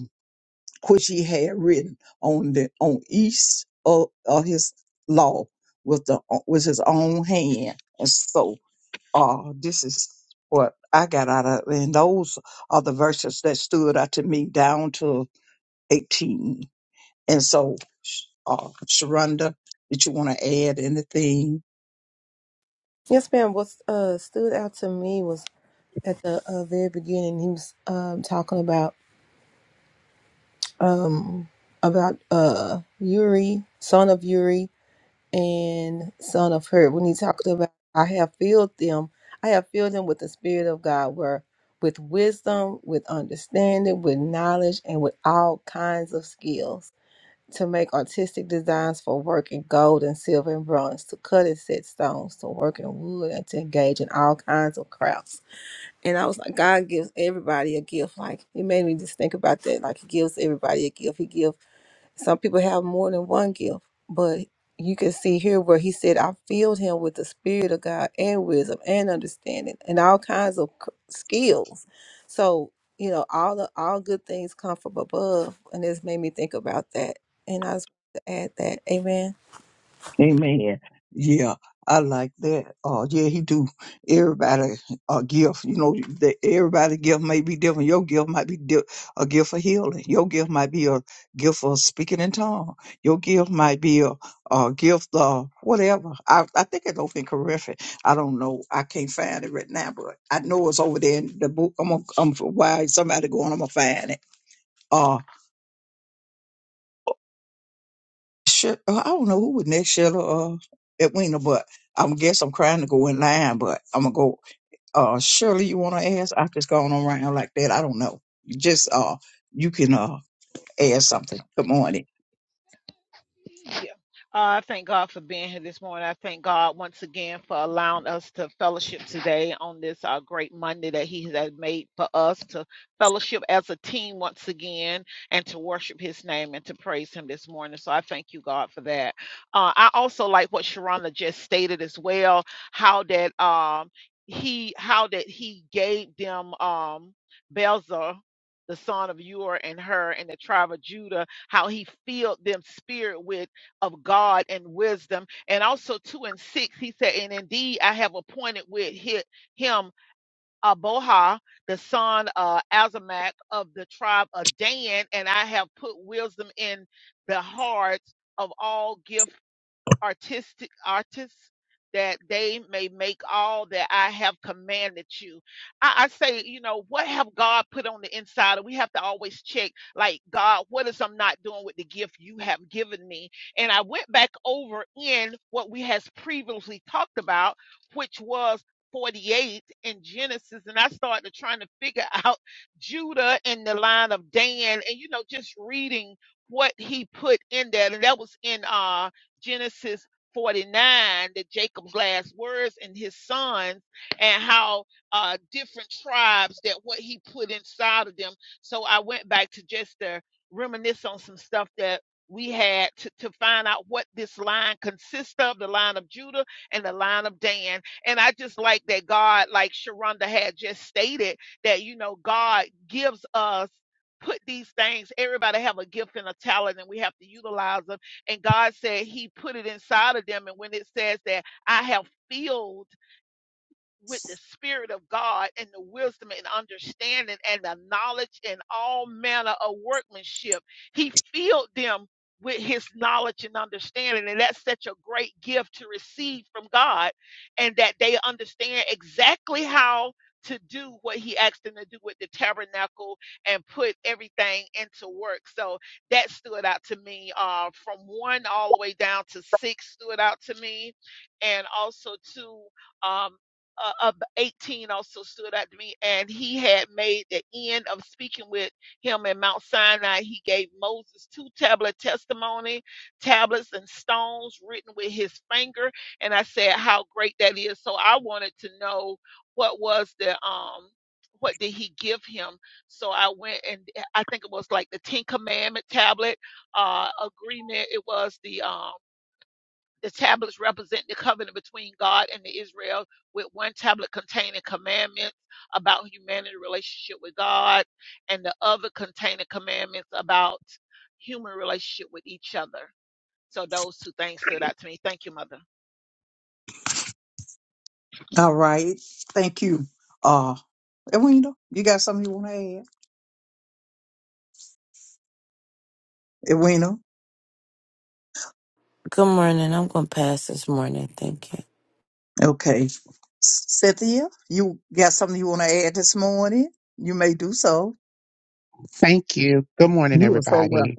Speaker 3: which he had written on the on each of, of his law with the with his own hand. And so uh this is what I got out of it. and those are the verses that stood out to me down to eighteen. And so uh Sharonda, did you want to add anything?
Speaker 4: Yes, ma'am. What uh, stood out to me was at the uh, very beginning. He was um, talking about um, about uh, Uri, son of Uri. and son of her when he talked about I have filled them I have filled them with the spirit of God where with wisdom with understanding with knowledge and with all kinds of skills to make artistic designs for work in gold and silver and bronze to cut and set stones to work in wood and to engage in all kinds of crafts and I was like God gives everybody a gift like it made me just think about that like he gives everybody a gift he gives some people have more than one gift, but you can see here where he said, I filled him with the Spirit of God and wisdom and understanding and all kinds of c- skills. So, you know, all the all good things come from above. And this made me think about that. And I just to add that. Amen.
Speaker 3: Amen. Yeah, I like that. Uh, yeah, he do everybody a gift. You know, that everybody gift may be different. Your gift might be di- a gift for healing. Your gift might be a gift for speaking in tongues. Your gift might be a, a gift of whatever. I, I think it's over in correction. I don't know. I can't find it right now, but I know it's over there in the book. I'm gonna, I'm for why somebody going. I'm gonna find it. Uh, Sh- I don't know who was next, Sheila or Edwina, but I'm guess I'm trying to go in line, but I'm gonna go. Uh, Shirley, you want to ask? I've just gone around like that. I don't know. You Just uh, you can uh ask something. Good morning.
Speaker 5: Yeah. Uh, I thank God for being here this morning. I thank God once again for allowing us to fellowship today on this uh, great Monday that He has made for us to fellowship as a team once again and to worship His name and to praise Him this morning. So I thank you, God, for that. Uh, I also like what Sharonda just stated as well, how that um, He how that He gave them um, Belzer. The son of Ur and her and the tribe of Judah how he filled them spirit with of God and wisdom. And also two and six, he said, and indeed I have appointed with hi- him Aboha, the son of Azamach of the tribe of Dan, and I have put wisdom in the hearts of all gift artistic artists that they may make all that I have commanded you. I, I say, you know, what have God put on the inside? And we have to always check, like, God, what is I'm not doing with the gift you have given me? And I went back over in what we has previously talked about, which was 48 in Genesis, and I started trying to figure out Judah and the line of Dan, and you know, just reading what he put in there. And that was in uh. Genesis 49, that Jacob's last words and his sons, and how uh, different tribes that what he put inside of them. So I went back to just to reminisce on some stuff that we had to, to find out what this line consists of the line of Judah and the line of Dan. And I just like that God, like Sharonda had just stated, that, you know, God gives us. Put these things, everybody have a gift and a talent, and we have to utilize them. And God said He put it inside of them. And when it says that I have filled with the Spirit of God and the wisdom and understanding and the knowledge and all manner of workmanship. He filled them with his knowledge and understanding. And that's such a great gift to receive from God, and that they understand exactly how to do what he asked them to do with the tabernacle and put everything into work. So that stood out to me uh, from one all the way down to six stood out to me. And also to um, uh, of 18 also stood out to me, and he had made the end of speaking with him in Mount Sinai. He gave Moses two tablet testimony, tablets and stones written with his finger, and I said how great that is. So I wanted to know what was the um what did he give him? So I went and I think it was like the Ten Commandment tablet uh agreement. It was the um the tablets represent the covenant between God and the Israel, with one tablet containing commandments about humanity relationship with God, and the other containing commandments about human relationship with each other. So those two things stood out to me. Thank you, Mother.
Speaker 3: All right. Thank you. Uh, Edwina, you got something you want to add? Edwina.
Speaker 6: Good morning. I'm going to pass this morning. Thank you.
Speaker 3: Okay. Cynthia, you got something you want to add this morning? You may do so.
Speaker 7: Thank you. Good morning,
Speaker 3: You are so welcome.
Speaker 7: everybody.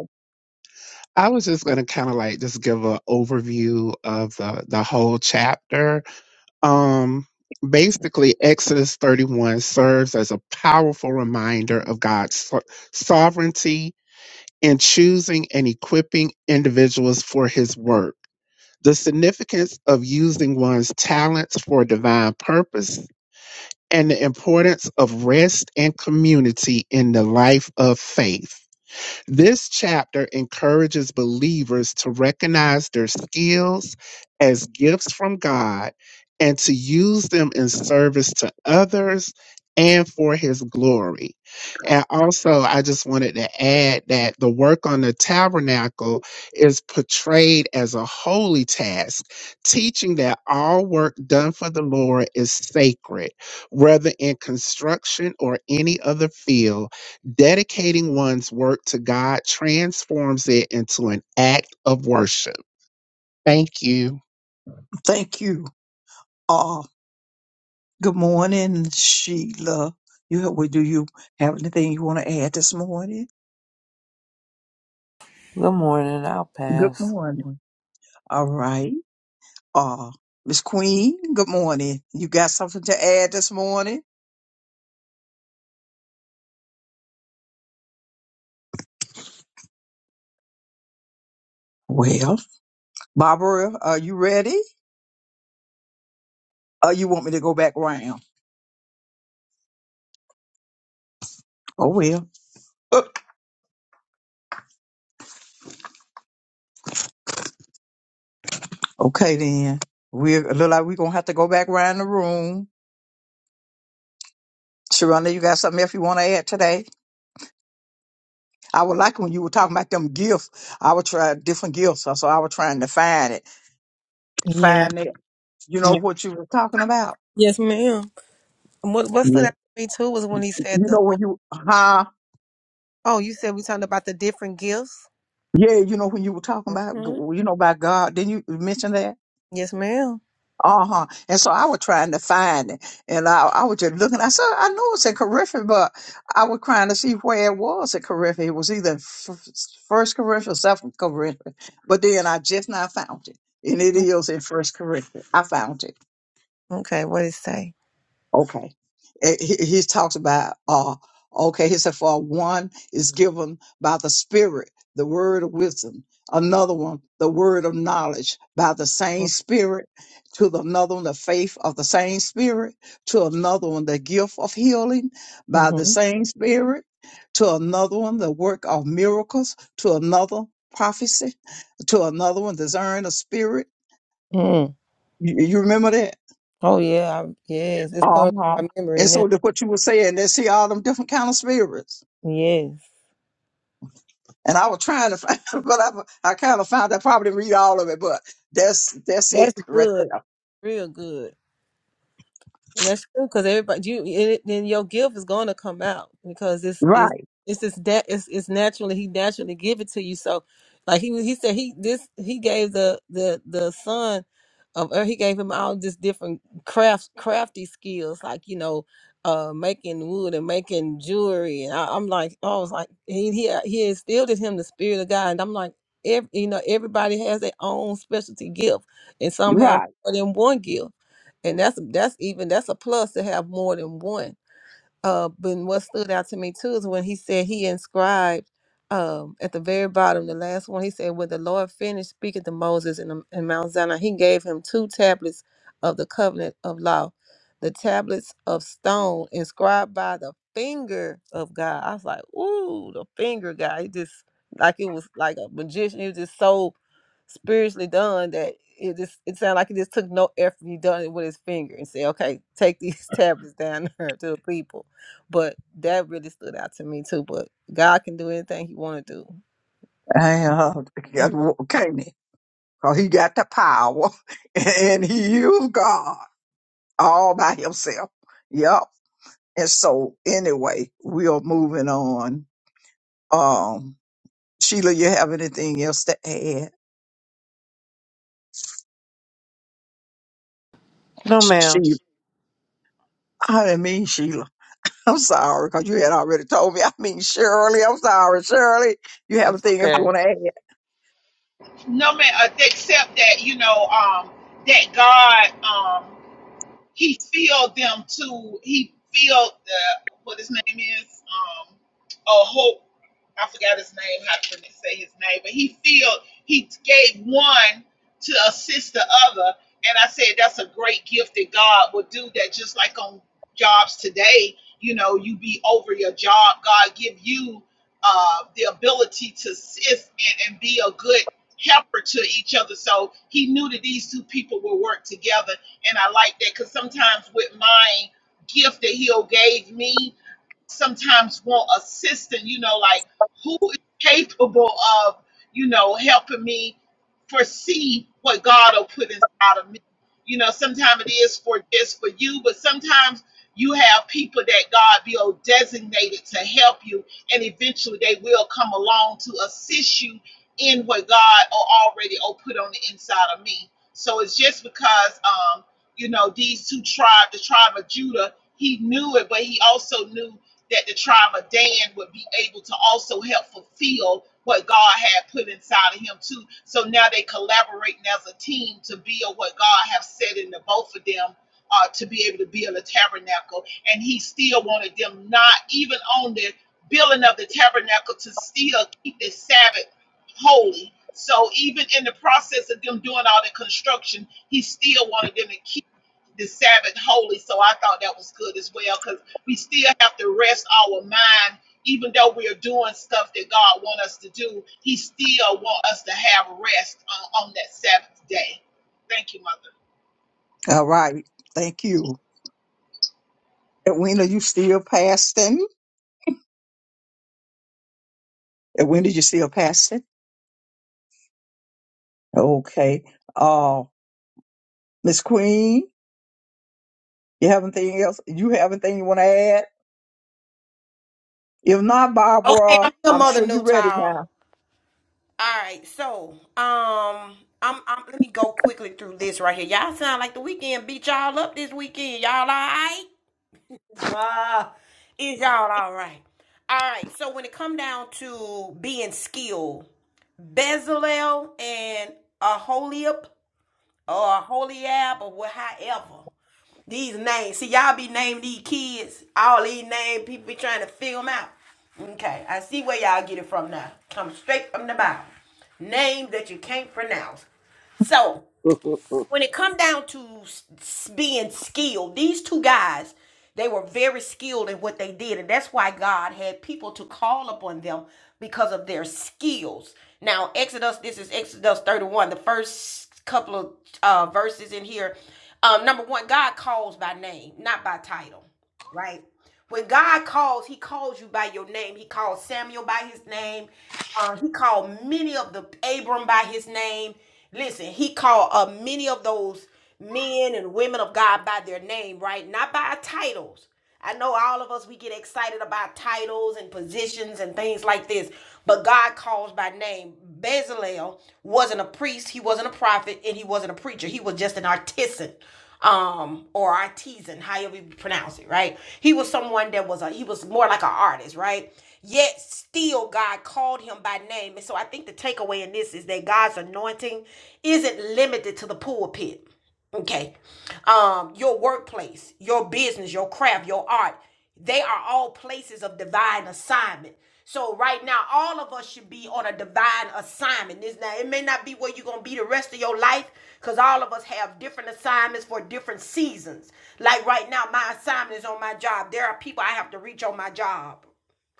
Speaker 7: I was just going to kind of like just give an overview of the, the whole chapter. Um, basically, Exodus 31 serves as a powerful reminder of God's so- sovereignty in choosing and equipping individuals for his work, the significance of using one's talents for divine purpose, and the importance of rest and community in the life of faith. This chapter encourages believers to recognize their skills as gifts from God and to use them in service to others and for his glory. And also, I just wanted to add that the work on the tabernacle is portrayed as a holy task, teaching that all work done for the Lord is sacred, whether in construction or any other field Dedicating one's work to God transforms it into an act of worship. Thank you.
Speaker 3: Thank you. Uh, good morning, Sheila. You have, well, do you have anything you want to add this morning?
Speaker 8: Good morning. I'll
Speaker 3: Good
Speaker 8: pass.
Speaker 3: morning. All right. Uh, Miss Queen, good morning. You got something to add this morning? Well, Barbara, are you ready? Uh, you want me to go back round? Oh, well. Okay, then. We're look like we're gonna have to go back around the room. Sharonda, you got something else you want to add today? I would like when you were talking about them gifts. I would try different gifts, so I was trying to find it,
Speaker 4: Yeah.
Speaker 3: find it. You know what you were talking about?
Speaker 4: Yes, ma'am. And What what stood
Speaker 3: Yeah.
Speaker 4: out to me too was when he
Speaker 3: You
Speaker 4: said the
Speaker 3: know when you, huh?
Speaker 4: Oh, you said we talking about the different gifts?
Speaker 3: Yeah, you know when you were talking about,
Speaker 4: hmm
Speaker 3: you know, about God. Didn't you mention that?
Speaker 4: Yes, ma'am.
Speaker 3: Uh-huh. And so I was trying to find it. And I, I was just looking. I said, I know it's in Corinthians, but I was trying to see where it was in Corinthians. It was either in f- First Corinthians or Second Corinthians. But then I just now found it. And it is in First Corinthians. I found it.
Speaker 4: Okay, what did it say?
Speaker 3: Okay. Eh, He, he talks about, uh, okay, he said, for one is given by the Spirit, the word of wisdom. Another one, the word of knowledge by the same Spirit. To the another one, the faith of the same Spirit. To another one, the gift of healing by the
Speaker 4: hmm
Speaker 3: same Spirit. To another one, the work of miracles. To another, prophecy. To another one, discern of spirit. You, you remember that?
Speaker 4: Oh yeah, I, yes. It's on
Speaker 3: Uh-huh.
Speaker 4: my memory
Speaker 3: And
Speaker 4: now.
Speaker 3: so the, what you were saying, they see all them different kind of spirits.
Speaker 4: Yes.
Speaker 3: And I was trying to find, but I, I kind of found I probably didn't read all of it, but that's that's
Speaker 4: That's
Speaker 3: it right
Speaker 4: good.
Speaker 3: there.
Speaker 4: Real good. And that's true because everybody you it, then your gift is going to come out because it's it's
Speaker 3: Right,
Speaker 4: it's just that it's it's naturally he naturally give it to you. So like he was- he said he this he gave the the the son of or he gave him all just different crafts crafty skills like you know uh making wood and making jewelry and I, I'm like oh, I was like he he he instilled in him the spirit of God and I'm like every, you know everybody has their own specialty gift and some have
Speaker 3: right.
Speaker 4: more than one gift and that's that's even that's a plus to have more than one uh, but what stood out to me too is when he said he inscribed um, at the very bottom, the last one, he said, When the Lord finished speaking to Moses in, the, in Mount Sinai, he gave him two tablets of the covenant of law, the tablets of stone inscribed by the finger of God. I was like, Ooh, the finger guy. He just, like it was like a magician. He was just so spiritually done that it just it sounded like it just took no effort. He done it with his finger and said, "Okay, take these tablets down there to the people." But that really stood out to me too. But God can do anything He want to do.
Speaker 3: And, uh,
Speaker 4: Yeah.
Speaker 3: Canaan, because he got the power and he used God all by himself. Yep. And so anyway, we are moving on. Um, Sheila, you have anything else to add?
Speaker 8: No,
Speaker 3: She,
Speaker 8: ma'am.
Speaker 3: I didn't mean Sheila. I'm sorry, because you had already told me. I mean, Shirley, I'm sorry, Shirley. You have a
Speaker 8: That's
Speaker 3: thing else you
Speaker 8: okay.
Speaker 3: want to add?
Speaker 5: No man, uh, except that you know um, that God. he filled them to he filled the what his name is um oh hope I forgot his name how to say his name but he filled he gave one to assist the other and I said that's a great gift that God would do that just like on jobs today you know you be over your job God give you uh the ability to assist and, and be a good helper to each other so he knew that these two people would work together and I like that because sometimes with my gift that He'll gave me, sometimes want assistance, you know, like who is capable of, you know, helping me foresee what God will put inside of me. You know, sometimes it is for just for you, but sometimes you have people that God will designated to help you, and eventually they will come along to assist you in what God al- already oh, put on the inside of me. So it's just because um, you know, these two tribes, the tribe of Judah, he knew it, but he also knew that the tribe of Dan would be able to also help fulfill what God had put inside of him too. So now they collaborating as a team to build what God has said in the both of them uh, to be able to build a tabernacle. And he still wanted them not even on the building of the tabernacle to still keep the Sabbath holy. So even in the process of them doing all the construction, he still wanted them to keep the Sabbath holy. So I thought that was good as well because we still have to rest our mind even though we are doing stuff that god wants us to do he still wants us to have rest on, on that sabbath day thank you mother
Speaker 3: All right. Thank you. And when are you still fasting? And when did you still fasting? Okay. Uh, Miss Queen, you have anything else? You have anything you want to add? If not,
Speaker 1: Okay,
Speaker 3: Barbara,
Speaker 1: I'm the
Speaker 3: I'm
Speaker 1: Mother
Speaker 3: sure you're ready
Speaker 1: Newtall. All right, so um I'm, I'm let me go quickly through this right here. Y'all sound like the weekend beat y'all up this weekend. Y'all all right? Ah, is y'all all right? All right, so when it come down to being skilled Bezalel and Aholiab or Aholiab or what, however. These names. See, y'all be naming these kids, all these names, people be trying to figure them out. Okay, I see where y'all get it from now. Come straight from the Bible. Name that you can't pronounce. So,
Speaker 9: you
Speaker 1: when it come down to s- being skilled, these two guys, they were very skilled in what they did, and that's why God had people to call upon them because of their skills. Now, Exodus, this is Exodus 31, the first couple of uh, verses in here. Um, number one, God calls by name, not by title right? When God calls, He calls you by your name. He called Samuel by his name. Uh, he called many of the Abram by his name. Listen, He called uh, many of those men and women of God by their name, right? Not by titles. I know all of us, we get excited about titles and positions and things like this, but God calls by name. Bezalel wasn't a priest, he wasn't a prophet, and he wasn't a preacher. He was just an artisan. Um, or artisan, however you pronounce it, right? He was someone that was a he was more like an artist, right? Yet still God called him by name. And so I think the takeaway in this is that God's anointing isn't limited to the pulpit okay um your workplace your business your craft your art they are all places of divine assignment so right now all of us should be on a divine assignment this now it may not be where you're gonna be the rest of your life because all of us have different assignments for different seasons like right now my assignment is on my job there are people i have to reach on my job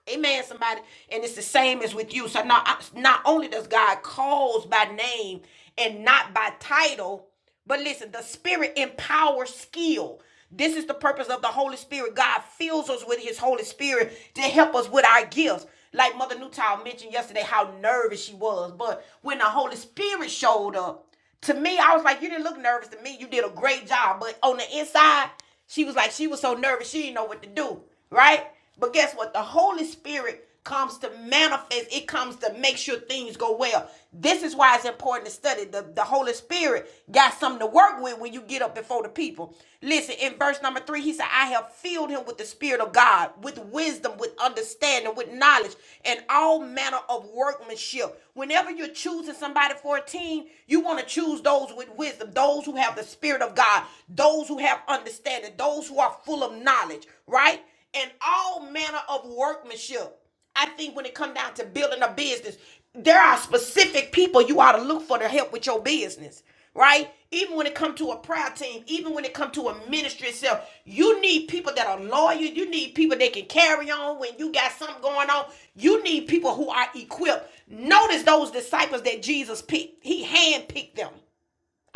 Speaker 1: Amen, somebody. And it's the same as with you. So not, not only does God calls by name and not by title, but listen, the Spirit empowers skill. This is the purpose of the Holy Spirit. God fills us with His Holy Spirit to help us with our gifts. Like Mother Newtown mentioned yesterday, how nervous she was. But when the Holy Spirit showed up, to me, I was like, you didn't look nervous to me. You did a great job. But on the inside, she was like, she was so nervous, she didn't know what to do. Right? But guess what? The Holy Spirit comes to manifest, it comes to make sure things go well. This is why it's important to study. The, the Holy Spirit got something to work with when you get up before the people. Listen, in verse number three, he said, said, I have filled him with the Spirit of God, with wisdom, with understanding, with knowledge, and all manner of workmanship. Whenever you're choosing somebody for a team, you want to choose those with wisdom, those who have the Spirit of God, those who have understanding, those who are full of knowledge, right? And all manner of workmanship. I think when it comes down to building a business, there are specific people you ought to look for to help with your business, right? Even when it comes to a prayer team, even when it comes to a ministry itself, you need people that are loyal. You need people that can carry on when you got something going on. You need people who are equipped. Notice those disciples that Jesus picked. He handpicked them.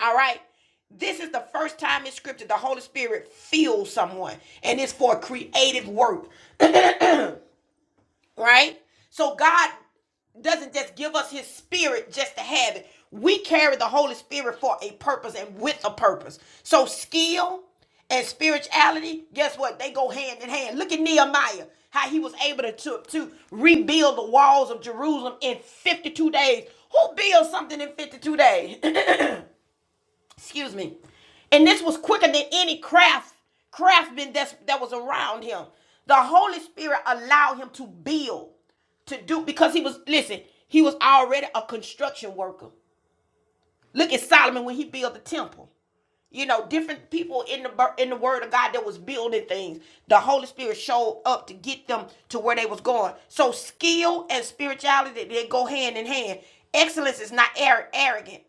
Speaker 1: All right. This is the first time in scripture the Holy Spirit fills someone, and it's for creative work right? So God doesn't just give us his spirit just to have it. We carry the Holy Spirit for a purpose and with a purpose. So skill and spirituality, guess what? They go hand in hand. Look at Nehemiah, how he was able to, to, to rebuild the walls of Jerusalem in 52 days. Who builds something in 52 days? excuse me and this was quicker than any craft craftsman that's that was around him the holy spirit allowed him to build to do because he was listen he was already a construction worker look at solomon when he built the temple you know different people in the in the word of god that was building things the holy spirit showed up to get them to where they was going so skill and spirituality they go hand in hand excellence is not arrogant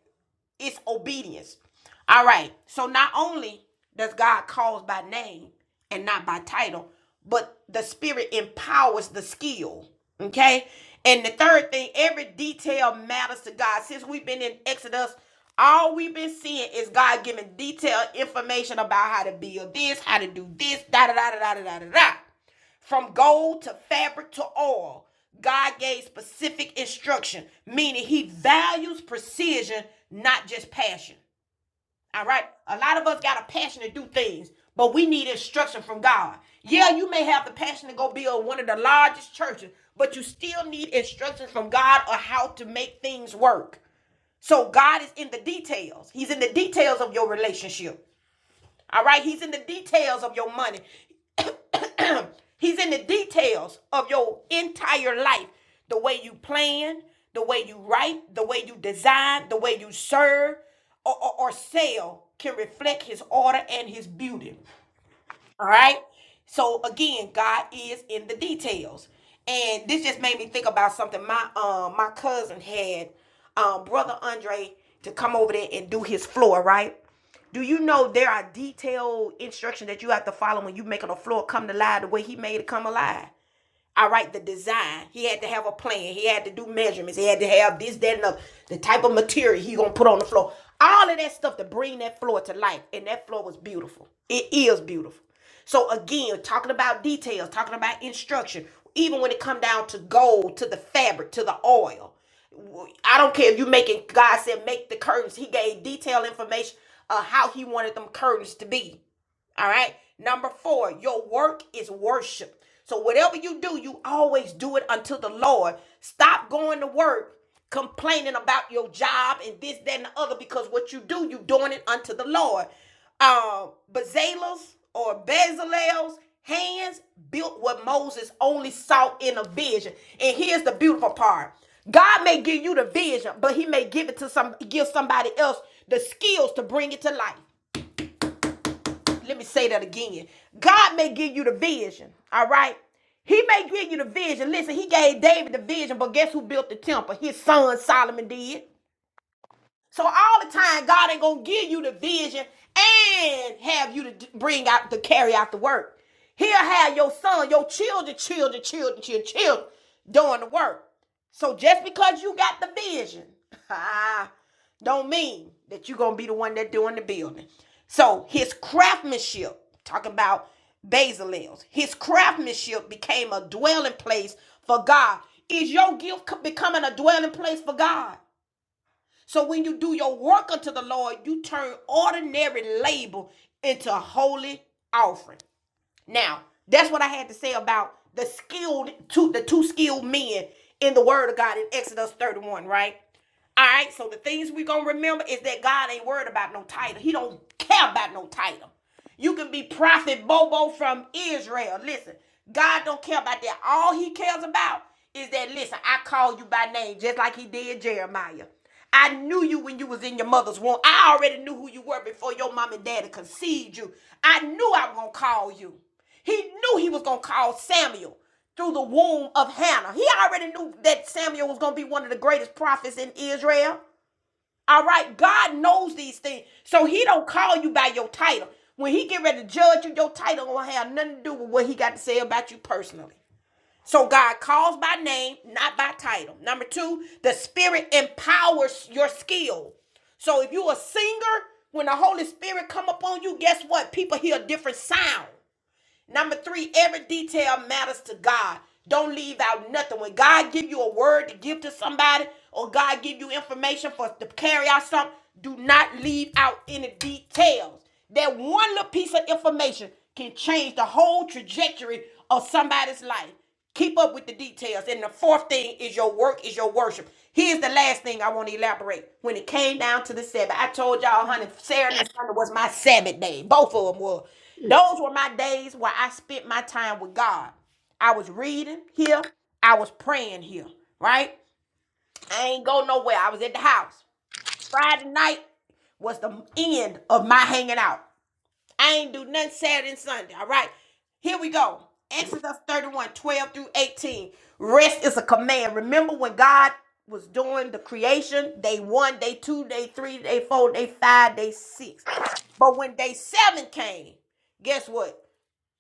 Speaker 1: it's obedience. All right. So not only does God call by name and not by title, but the spirit empowers the skill. Okay. And the third thing, every detail matters to God. Since we've been in Exodus, all we've been seeing is God giving detailed information about how to build this, how to do this, da da da da da da da. da. From gold to fabric to oil, God gave specific instruction, meaning He values precision, not just passion. All right? A lot of us got a passion to do things, but we need instruction from God. Yeah, you may have the passion to go build one of the largest churches, but you still need instruction from God on how to make things work. So God is in the details, He's in the details of your relationship. All right, he's in the details of your money. He's in the details of your entire life. The way you plan, the way you write, the way you design, the way you serve or, or, or sell can reflect his order and his beauty. All right. So again, God is in the details. And this just made me think about something my um my cousin had um brother Andre to come over there and do his floor, right? Do you know there are detailed instructions that you have to follow when you making a floor come to life the way he made it come alive? All right, the design. He had to have a plan. He had to do measurements. He had to have this, that, and the, the type of material he gonna put on the floor. All of that stuff to bring that floor to life. And that floor was beautiful. It is beautiful. So again, talking about details, talking about instruction, even when it come down to gold, to the fabric, to the oil. I don't care if you making God said make the curtains. He gave detailed information of how he wanted them curtains to be. All right. Number four, your work is worship. So whatever you do, you always do it unto the Lord. Stop going to work complaining about your job and this, that, and the other, because what you do, you doing it unto the Lord. Um, Bezalel's or Bezalel's hands built what Moses only saw in a vision. And here's the beautiful part. God may give you the vision, but he may give it to some give somebody else the skills to bring it to life let me say that again. God may give you the vision, all right? He may give you the vision. Listen, he gave David the vision, but guess who built the temple? His son Solomon did. So all the time, God ain't gonna give you the vision and have you to bring out to carry out the work. He'll have your son, your children, children, children, children, children doing the work. So just because you got the vision, ah, don't mean that you're gonna be the one that doing the building. So his craftsmanship, talking about Basil's, his craftsmanship became a dwelling place for God. Is your gift becoming a dwelling place for God? So when you do your work unto the Lord, you turn ordinary labor into holy offering. Now, that's what I had to say about the skilled two the two skilled men in the word of God in Exodus 31, right? All right, so the things we're gonna remember is that God ain't worried about no title. He don't care about no title. You can be prophet Bobo from Israel. Listen, God don't care about that. All he cares about is that listen, I call you by name, just like he did Jeremiah. I knew you when you was in your mother's womb. I already knew who you were before your mom and daddy conceived you. I knew I was gonna call you. He knew he was gonna call Samuel through the womb of Hannah. He already knew that Samuel was gonna be one of the greatest prophets in Israel. All right, God knows these things, so He don't call you by your title. When He get ready to judge you, your title gonna have nothing to do with what He got to say about you personally. So God calls by name, not by title. Number two, the Spirit empowers your skill. So if you're a singer, when the Holy Spirit come upon you, guess what? People hear a different sound. Number three, every detail matters to God. Don't leave out nothing. When God give you a word to give to somebody, or God give you information for to carry out something, do not leave out any details. That one little piece of information can change the whole trajectory of somebody's life. Keep up with the details. And the fourth thing is your work is your worship. Here's the last thing I want to elaborate. When it came down to the Sabbath, I told y'all, honey, Saturday and Sunday was my Sabbath day. Both of them were. Those were my days where I spent my time with God. I was reading here. I was praying here, right? I ain't go nowhere. I was at the house. Friday night was the end of my hanging out. I ain't do nothing Saturday and Sunday. All right. Here we go. Exodus 31, 12 through 18. Rest is a command. Remember when God was doing the creation? Day one, day two, day three, day four, day five, day six. But when day seven came, guess what?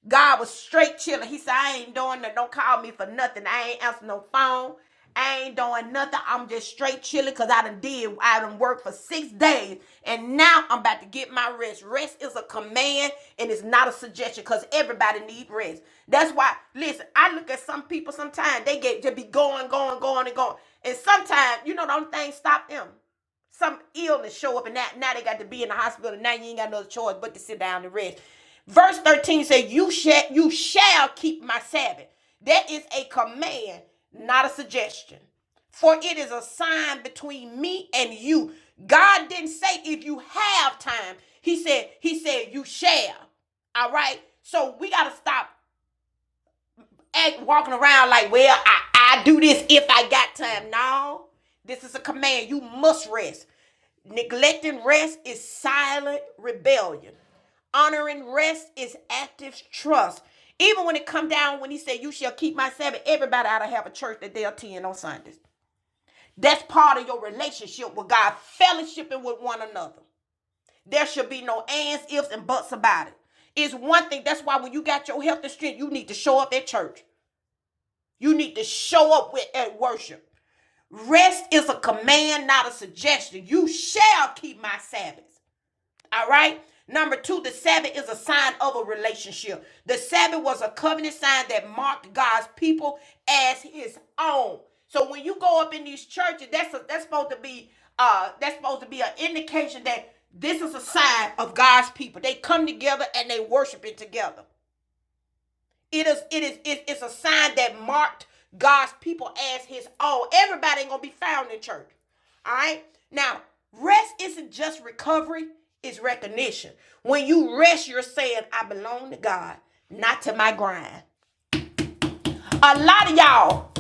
Speaker 1: God was straight chilling. He said, I ain't doing nothing. Don't call me for nothing. I ain't answering no phone. I ain't doing nothing. I'm just straight chilling because I done did. I done worked for six days. And now I'm about to get my rest. Rest is a command and it's not a suggestion because everybody need rest. That's why, listen, I look at some people sometimes. They get just be going, going, going, and going. And sometimes, you know, don't things stop them some illness show up and now, now they got to be in the hospital and now you ain't got no choice but to sit down and rest. Verse 13 says, You shall you shall keep my Sabbath. That is a command, not a suggestion. For it is a sign between me and you. God didn't say if you have time. He said, He said, you shall. All right. So we gotta stop act walking around like, well, I, I do this if I got time. No, this is a command. You must rest. Neglecting rest is silent rebellion. Honoring rest is active trust. Even when it come down, when he said, "You shall keep my Sabbath," everybody ought to have a church that they attend on Sundays. That's part of your relationship with God, fellowshipping with one another. There should be no ands, ifs, and buts about it. It's one thing. That's why when you got your health and strength, you need to show up at church. You need to show up with at worship. Rest is a command, not a suggestion. You shall keep my Sabbaths. All right. Number two, the Sabbath is a sign of a relationship. The Sabbath was a covenant sign that marked God's people as His own. So when you go up in these churches, that's a, that's supposed to be uh that's supposed to be an indication that this is a sign of God's people. They come together and they worshiping together. It is it is it- it's a sign that marked God's people as his own. Everybody ain't gonna be found in church. All right. Now, rest isn't just recovery, it's recognition. When you rest, you're saying, I belong to God, not to my grind. A lot of y'all,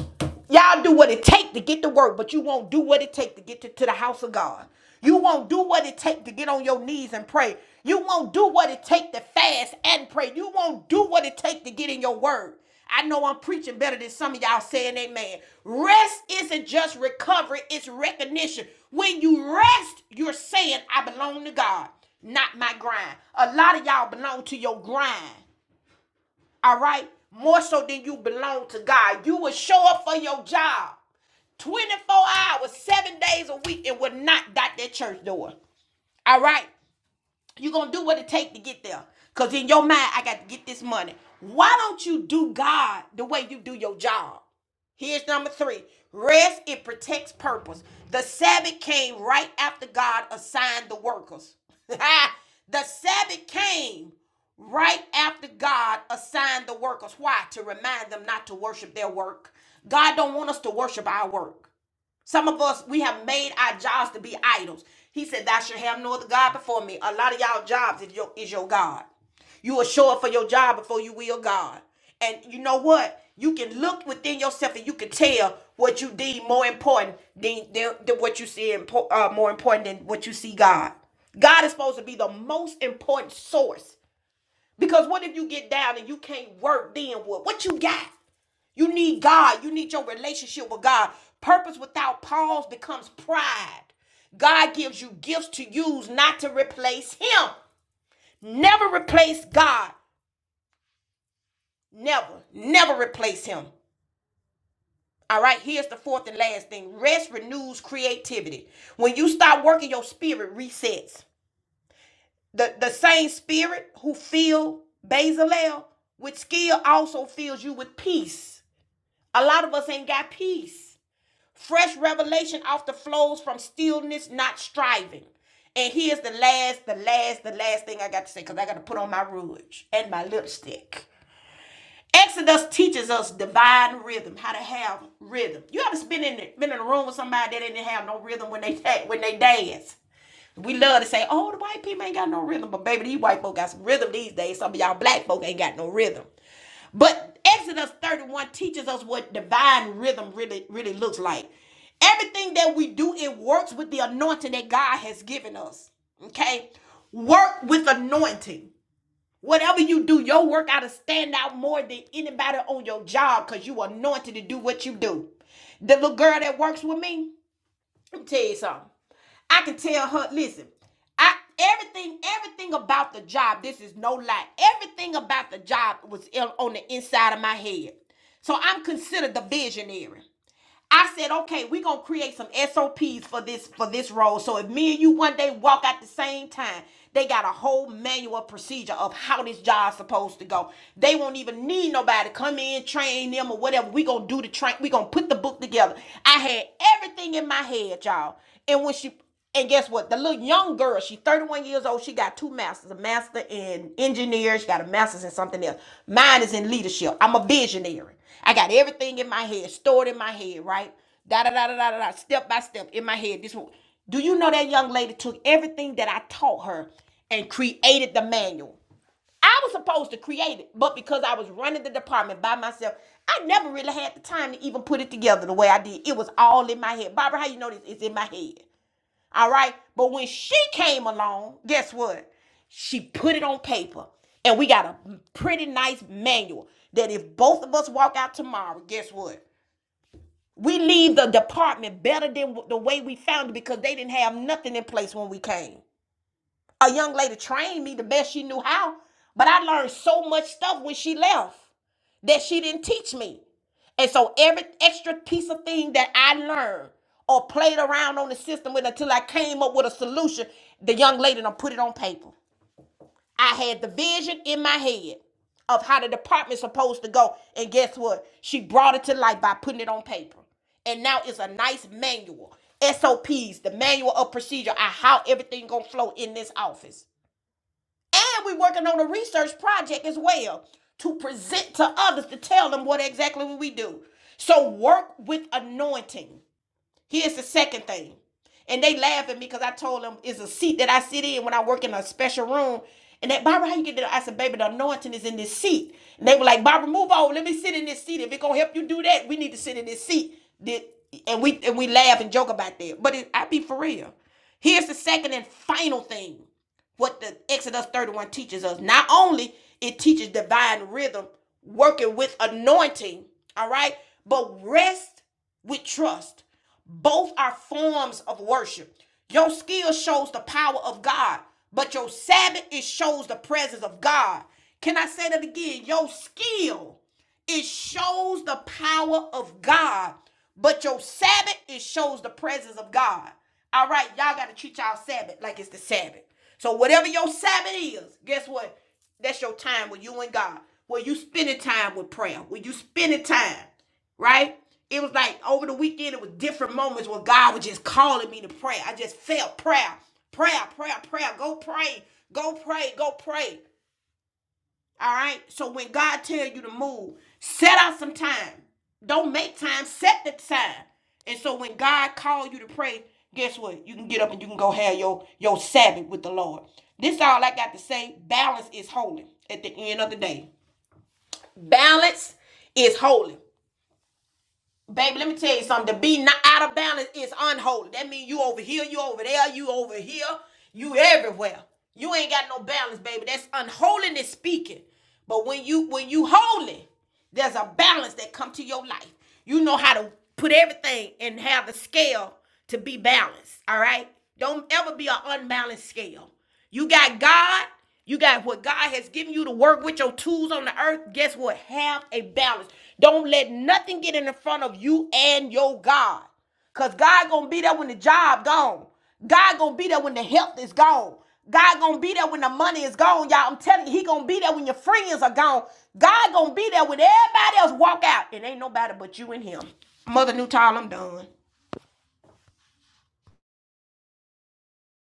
Speaker 1: y'all do what it take to get to work, but you won't do what it take to get to, to the house of God. You won't do what it take to get on your knees and pray. You won't do what it take to fast and pray. You won't do what it take to get in your word. I know I'm preaching better than some of y'all saying amen. Rest isn't just recovery, it's recognition. When you rest, you're saying, I belong to God, not my grind. A lot of y'all belong to your grind. All right? More so than you belong to God. You will show up for your job 24 hours, seven days a week, and will not dot that church door. All right? You're gonna do what it takes to get there. Cause in your mind, I got to get this money. Why don't you do God the way you do your job? Here's number three. Rest, it protects purpose. The Sabbath came right after God assigned the workers. the Sabbath came right after God assigned the workers. Why? To remind them not to worship their work. God don't want us to worship our work. Some of us, we have made our jobs to be idols. He said, Thou shalt have no other God before me. A lot of y'all jobs is your, is your God. You will show up for your job before you will God. And you know what? You can look within yourself and you can tell what you deem more important than, than, than what you see impo- uh, more important than what you see God. God is supposed to be the most important source because what if you get down and you can't work then what? What you got? You need God. You need your relationship with God. Purpose without pause becomes pride. God gives you gifts to use, not to replace Him. Never replace God. Never, never replace Him. All right, here's the fourth and last thing rest renews creativity. When you stop working, your spirit resets. The, the same spirit who filled Bezalel with skill also fills you with peace. A lot of us ain't got peace. Fresh revelation often flows from stillness, not striving. And here's the last, the last, the last thing I got to say because I got to put on my rouge and my lipstick. Exodus teaches us divine rhythm, how to have rhythm. You ever been in the, been in a room with somebody that didn't have no rhythm when they when they dance? We love to say, "Oh, the white people ain't got no rhythm," but baby, these white folk got some rhythm these days. Some of y'all black folk ain't got no rhythm. But Exodus 31 teaches us what divine rhythm really really looks like. Everything that we do, it works with the anointing that God has given us. Okay? Work with anointing. Whatever you do, your work ought to stand out more than anybody on your job because you anointed to do what you do. The little girl that works with me, let me tell you something. I can tell her, listen, I everything, everything about the job, this is no lie. Everything about the job was on the inside of my head. So I'm considered the visionary. I said, okay, we're gonna create some SOPs for this for this role. So if me and you one day walk at the same time, they got a whole manual procedure of how this job's supposed to go. They won't even need nobody to come in, train them or whatever. we gonna do the train, we gonna put the book together. I had everything in my head, y'all. And when she and guess what? The little young girl, she's 31 years old, she got two masters, a master in engineering, she got a master's in something else. Mine is in leadership. I'm a visionary. I got everything in my head, stored in my head, right? Da da da da da da, da, step by step in my head. This one. Do you know that young lady took everything that I taught her and created the manual? I was supposed to create it, but because I was running the department by myself, I never really had the time to even put it together the way I did. It was all in my head. Barbara, how you know this? It's in my head. All right. But when she came along, guess what? She put it on paper. And we got a pretty nice manual that if both of us walk out tomorrow, guess what? We leave the department better than the way we found it because they didn't have nothing in place when we came. A young lady trained me the best she knew how, but I learned so much stuff when she left that she didn't teach me. And so every extra piece of thing that I learned or played around on the system with until I came up with a solution, the young lady done put it on paper. I had the vision in my head of how the department's supposed to go. And guess what? She brought it to life by putting it on paper. And now it's a nice manual. SOPs, the manual of procedure, on how everything gonna flow in this office. And we're working on a research project as well to present to others to tell them what exactly what we do. So work with anointing. Here's the second thing. And they laugh at me because I told them it's a seat that I sit in when I work in a special room. And that Barbara, how you get that? I said, baby, the anointing is in this seat. And they were like, Barbara, move on. Let me sit in this seat. If it's gonna help you do that, we need to sit in this seat. And we and we laugh and joke about that. But it, I be for real. Here's the second and final thing what the Exodus 31 teaches us. Not only it teaches divine rhythm, working with anointing, all right, but rest with trust. Both are forms of worship. Your skill shows the power of God, but your Sabbath it shows the presence of God. Can I say that again? Your skill. It shows the power of God, but your Sabbath, it shows the presence of God. All right, y'all got to treat y'all Sabbath like it's the Sabbath. So whatever your Sabbath is, guess what? That's your time with you and God. Where you spending time with prayer. Where you spending time, right? It was like over the weekend, it was different moments where God was just calling me to pray. I just felt prayer, prayer, prayer, prayer. Go pray, go pray, go pray. All right. So when God tells you to move, set out some time. Don't make time. Set the time. And so when God calls you to pray, guess what? You can get up and you can go have your your Sabbath with the Lord. This is all I got to say. Balance is holy. At the end of the day, balance is holy. Baby, let me tell you something. To be not out of balance is unholy. That means you over here, you over there, you over here, you everywhere. You ain't got no balance, baby. That's unholiness speaking. But when you when you holy, there's a balance that come to your life. You know how to put everything and have the scale to be balanced. All right. Don't ever be an unbalanced scale. You got God. You got what God has given you to work with your tools on the earth. Guess what? Have a balance. Don't let nothing get in the front of you and your God. Cause God gonna be there when the job gone. God gonna be there when the health is gone. God gonna be there when the money is gone, y'all. I'm telling you, He gonna be there when your friends are gone. God gonna be there when everybody else walk out, and ain't nobody but you and Him. Mother Newtile, I'm done.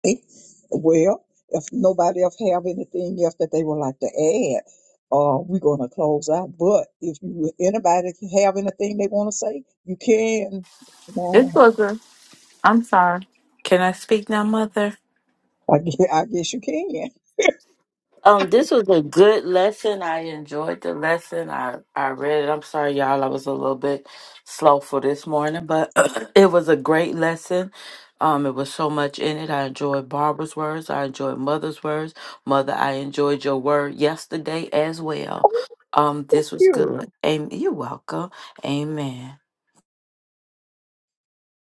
Speaker 3: Okay. Well, if nobody else have anything else that they would like to add, uh, we're gonna close out. But if you anybody have anything they want to say, you can.
Speaker 6: This
Speaker 3: Well,
Speaker 6: was a. I'm sorry. Can I speak now, Mother?
Speaker 3: I guess, I guess you can. Thank
Speaker 6: Um, this was a good lesson. I enjoyed the lesson. I I read it. I'm sorry, y'all. I was a little bit slow for this morning, but it was a great lesson. Um, it was so much in it. I enjoyed Barbara's words. I enjoyed Mother's words. Mother, I enjoyed your word yesterday as well. Um, this was
Speaker 3: you.
Speaker 6: good. Amen. You're welcome. Amen.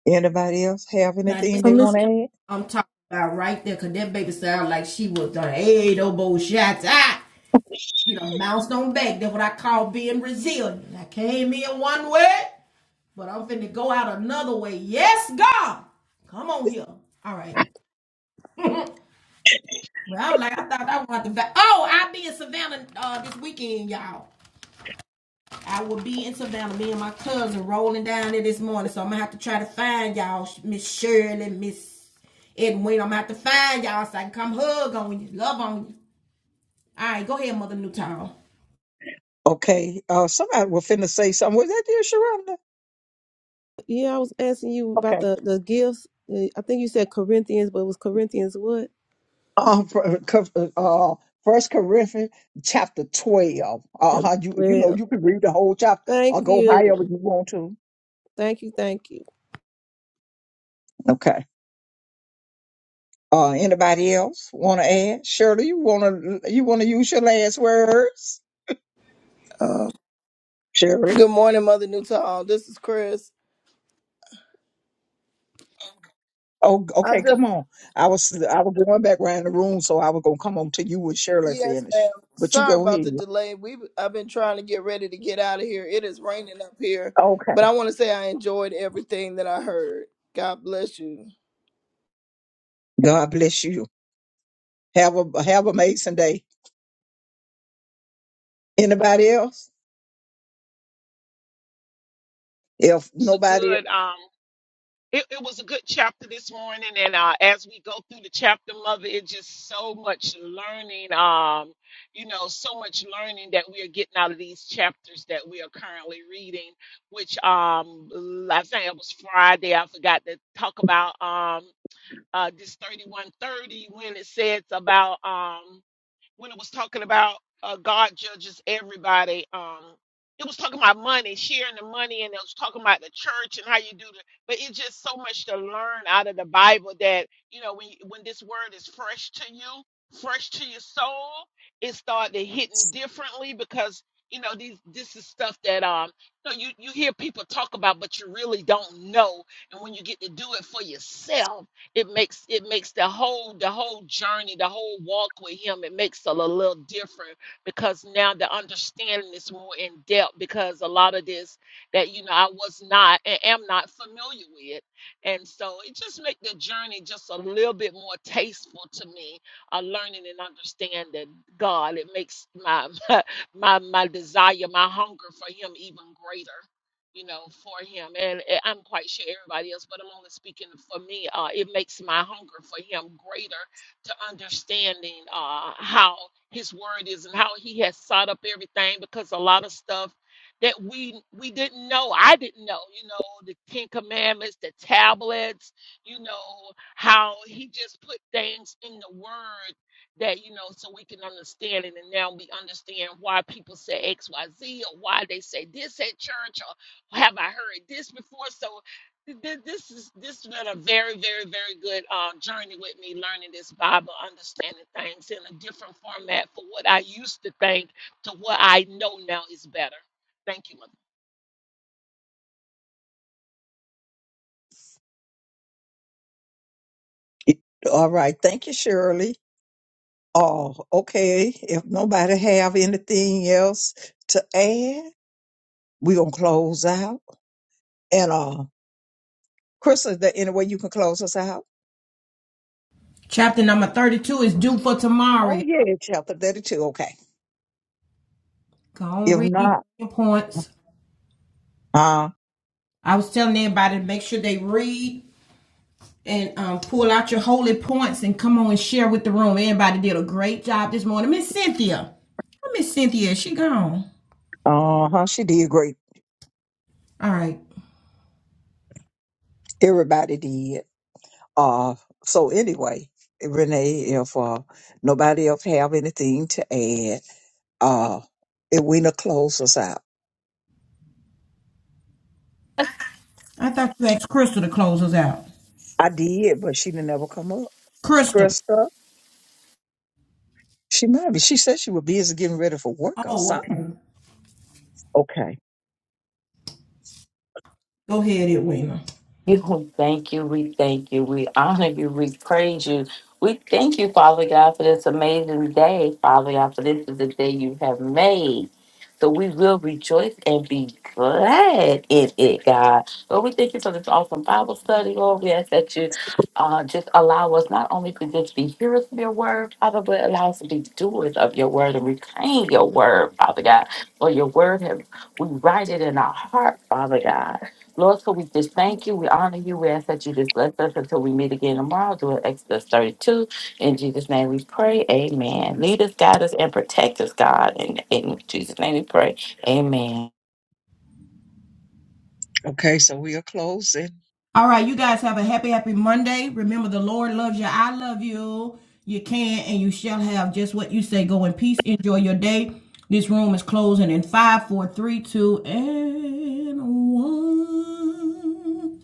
Speaker 3: Anybody else have
Speaker 1: Now
Speaker 3: anything
Speaker 1: this
Speaker 4: Uh,
Speaker 3: they
Speaker 4: Miss,
Speaker 3: want to add?
Speaker 1: I'm talking about right there, cause that baby sound like she was done Hey, eight oboe shots. ah. You know, mouse don't beg. That's what I call being resilient. I came in one way, but I'm finna go out another way. Yes, God. Come on here. All right. Well, I was like, I thought I wanted to. oh, I'll be in Savannah uh, this weekend, y'all. I will be in Savannah. Me and my cousin rolling down there this morning. So I'm gonna have to try to find y'all, Miss Shirley, Miss Edwin. I'm gonna have to find y'all so I can come hug on you, love on you. All right, go ahead, Mother Newtown.
Speaker 3: Okay. Uh, somebody was finna say something. Was that you, Sharonda?
Speaker 4: yeah, I was asking you about
Speaker 3: Okay.
Speaker 4: the the gifts. Uh, I think you said Corinthians, but it was Corinthians what?
Speaker 3: Um, uh, First Corinthians chapter twelve. Uh,
Speaker 4: Chapter
Speaker 3: how you you know
Speaker 4: twelve.
Speaker 3: you can read the whole chapter
Speaker 4: Thank
Speaker 3: or go
Speaker 4: you,
Speaker 3: however you want to.
Speaker 4: thank you, thank you.
Speaker 3: Okay. Uh, anybody else want to add? Shirley, you wanna you wanna use your last words?
Speaker 10: Um,
Speaker 3: Shirley.
Speaker 10: good morning, Mother Newton. This is Chris.
Speaker 3: Oh,
Speaker 10: I
Speaker 3: okay.
Speaker 10: just
Speaker 3: Come on. I was I was going back around the room, so I was gonna come on to you when Shirley
Speaker 10: yes, ma'am.
Speaker 3: finish. But you
Speaker 10: Sorry
Speaker 3: go
Speaker 10: about the
Speaker 3: ahead.
Speaker 10: delay. We I've been trying to get ready to get out of here. It is raining up here, but
Speaker 3: Okay.
Speaker 10: I want to say I enjoyed everything that I heard. God bless you.
Speaker 3: God bless you. Have a have a amazing day. Anybody else? If
Speaker 5: it's a
Speaker 3: nobody
Speaker 5: good um it, it was a good chapter this morning and uh, as we go through the chapter mother it's just so much learning um you know so much learning that we are getting out of these chapters that we are currently reading which um i think it was friday i forgot to talk about Um. uh, this 3130 when it says about um, when it was talking about uh, God judges everybody. Um, it was talking about money, sharing the money, and it was talking about the church and how you do the. But it's just so much to learn out of the Bible that you know when when this word is fresh to you, fresh to your soul, it started hitting differently because you know these this is stuff that um you know, you you hear people talk about, but you really don't know. And when you get to do it for yourself it makes it makes the whole the whole journey the whole walk with him it makes it a little different because now the understanding is more in depth because a lot of this that you know i was not and am not familiar with and so it just make the journey just a little bit more tasteful to me uh, learning and understanding god it makes my my my desire my hunger for him even greater you know, for him. And eh, I'm quite sure everybody else, but I'm only speaking for me. Uh, it makes my hunger for him greater to understanding uh, how his word is and how he has sought up everything because a lot of stuff that we we didn't know i didn't know you know the ten commandments the tablets you know how he just put things in the word that you know so we can understand it and now we understand why people say xyz or why they say this at church have I heard this before? So th- th- this is this has been a very, very, very good uh, journey with me learning this Bible, understanding things in a different format for what I used to think to what I know now is better. Thank you,
Speaker 3: All right. Thank you, Shirley. Oh, okay. If nobody have anything else to add, we gonna close out. And uh Chris, is there any way you can close us out?
Speaker 1: Chapter number 32 is due for tomorrow.
Speaker 3: Oh yeah, chapter thirty two. Okay.
Speaker 1: Go on,
Speaker 3: If
Speaker 1: read
Speaker 3: not,
Speaker 1: points.
Speaker 3: uh
Speaker 1: I was telling everybody to make sure they read and um, pull out your holy points and come on and share with the room. Everybody did a great job this morning. Miss Cynthia. Oh, Miss Cynthia? Is She gone.
Speaker 3: uh huh, she did great.
Speaker 1: All right.
Speaker 3: Everybody did. Uh, so anyway, Renee, if uh, nobody else have anything to add, uh, if we to close us out.
Speaker 1: I thought you asked Crystal to close us out.
Speaker 3: I did, but she didn't ever come up.
Speaker 1: Crystal.
Speaker 3: Krista, she might be. She said she was busy getting ready for work or something. Okay.
Speaker 1: Go ahead, Edwina.
Speaker 6: You thank you. We thank you. We honor you. We praise you. We thank you, Father God, for this amazing day, Father God, for this is the day you have made. So we will rejoice and be glad in it, God. Lord, we thank you for this awesome Bible study, Lord. We ask that you uh, just allow us not only to just be hearers of your word, Father, but allow us to be doers of your word and reclaim your word, Father God. For your word, have, we write it in our heart, Father God. Lord, so we just thank you. We honor you. We ask that you just bless us until we meet again tomorrow. Do it, Exodus 32. In Jesus' name we pray. Amen. Lead us, guide us, and protect us, God. in in Jesus' name we pray. Amen.
Speaker 3: Okay, so we'll close it.
Speaker 1: All right, you guys have a happy, happy Monday. Remember, the Lord loves you. I love you. You can and you shall have just what you say. Go in peace. Enjoy your day. This room is closing in five, four, three, two, and one.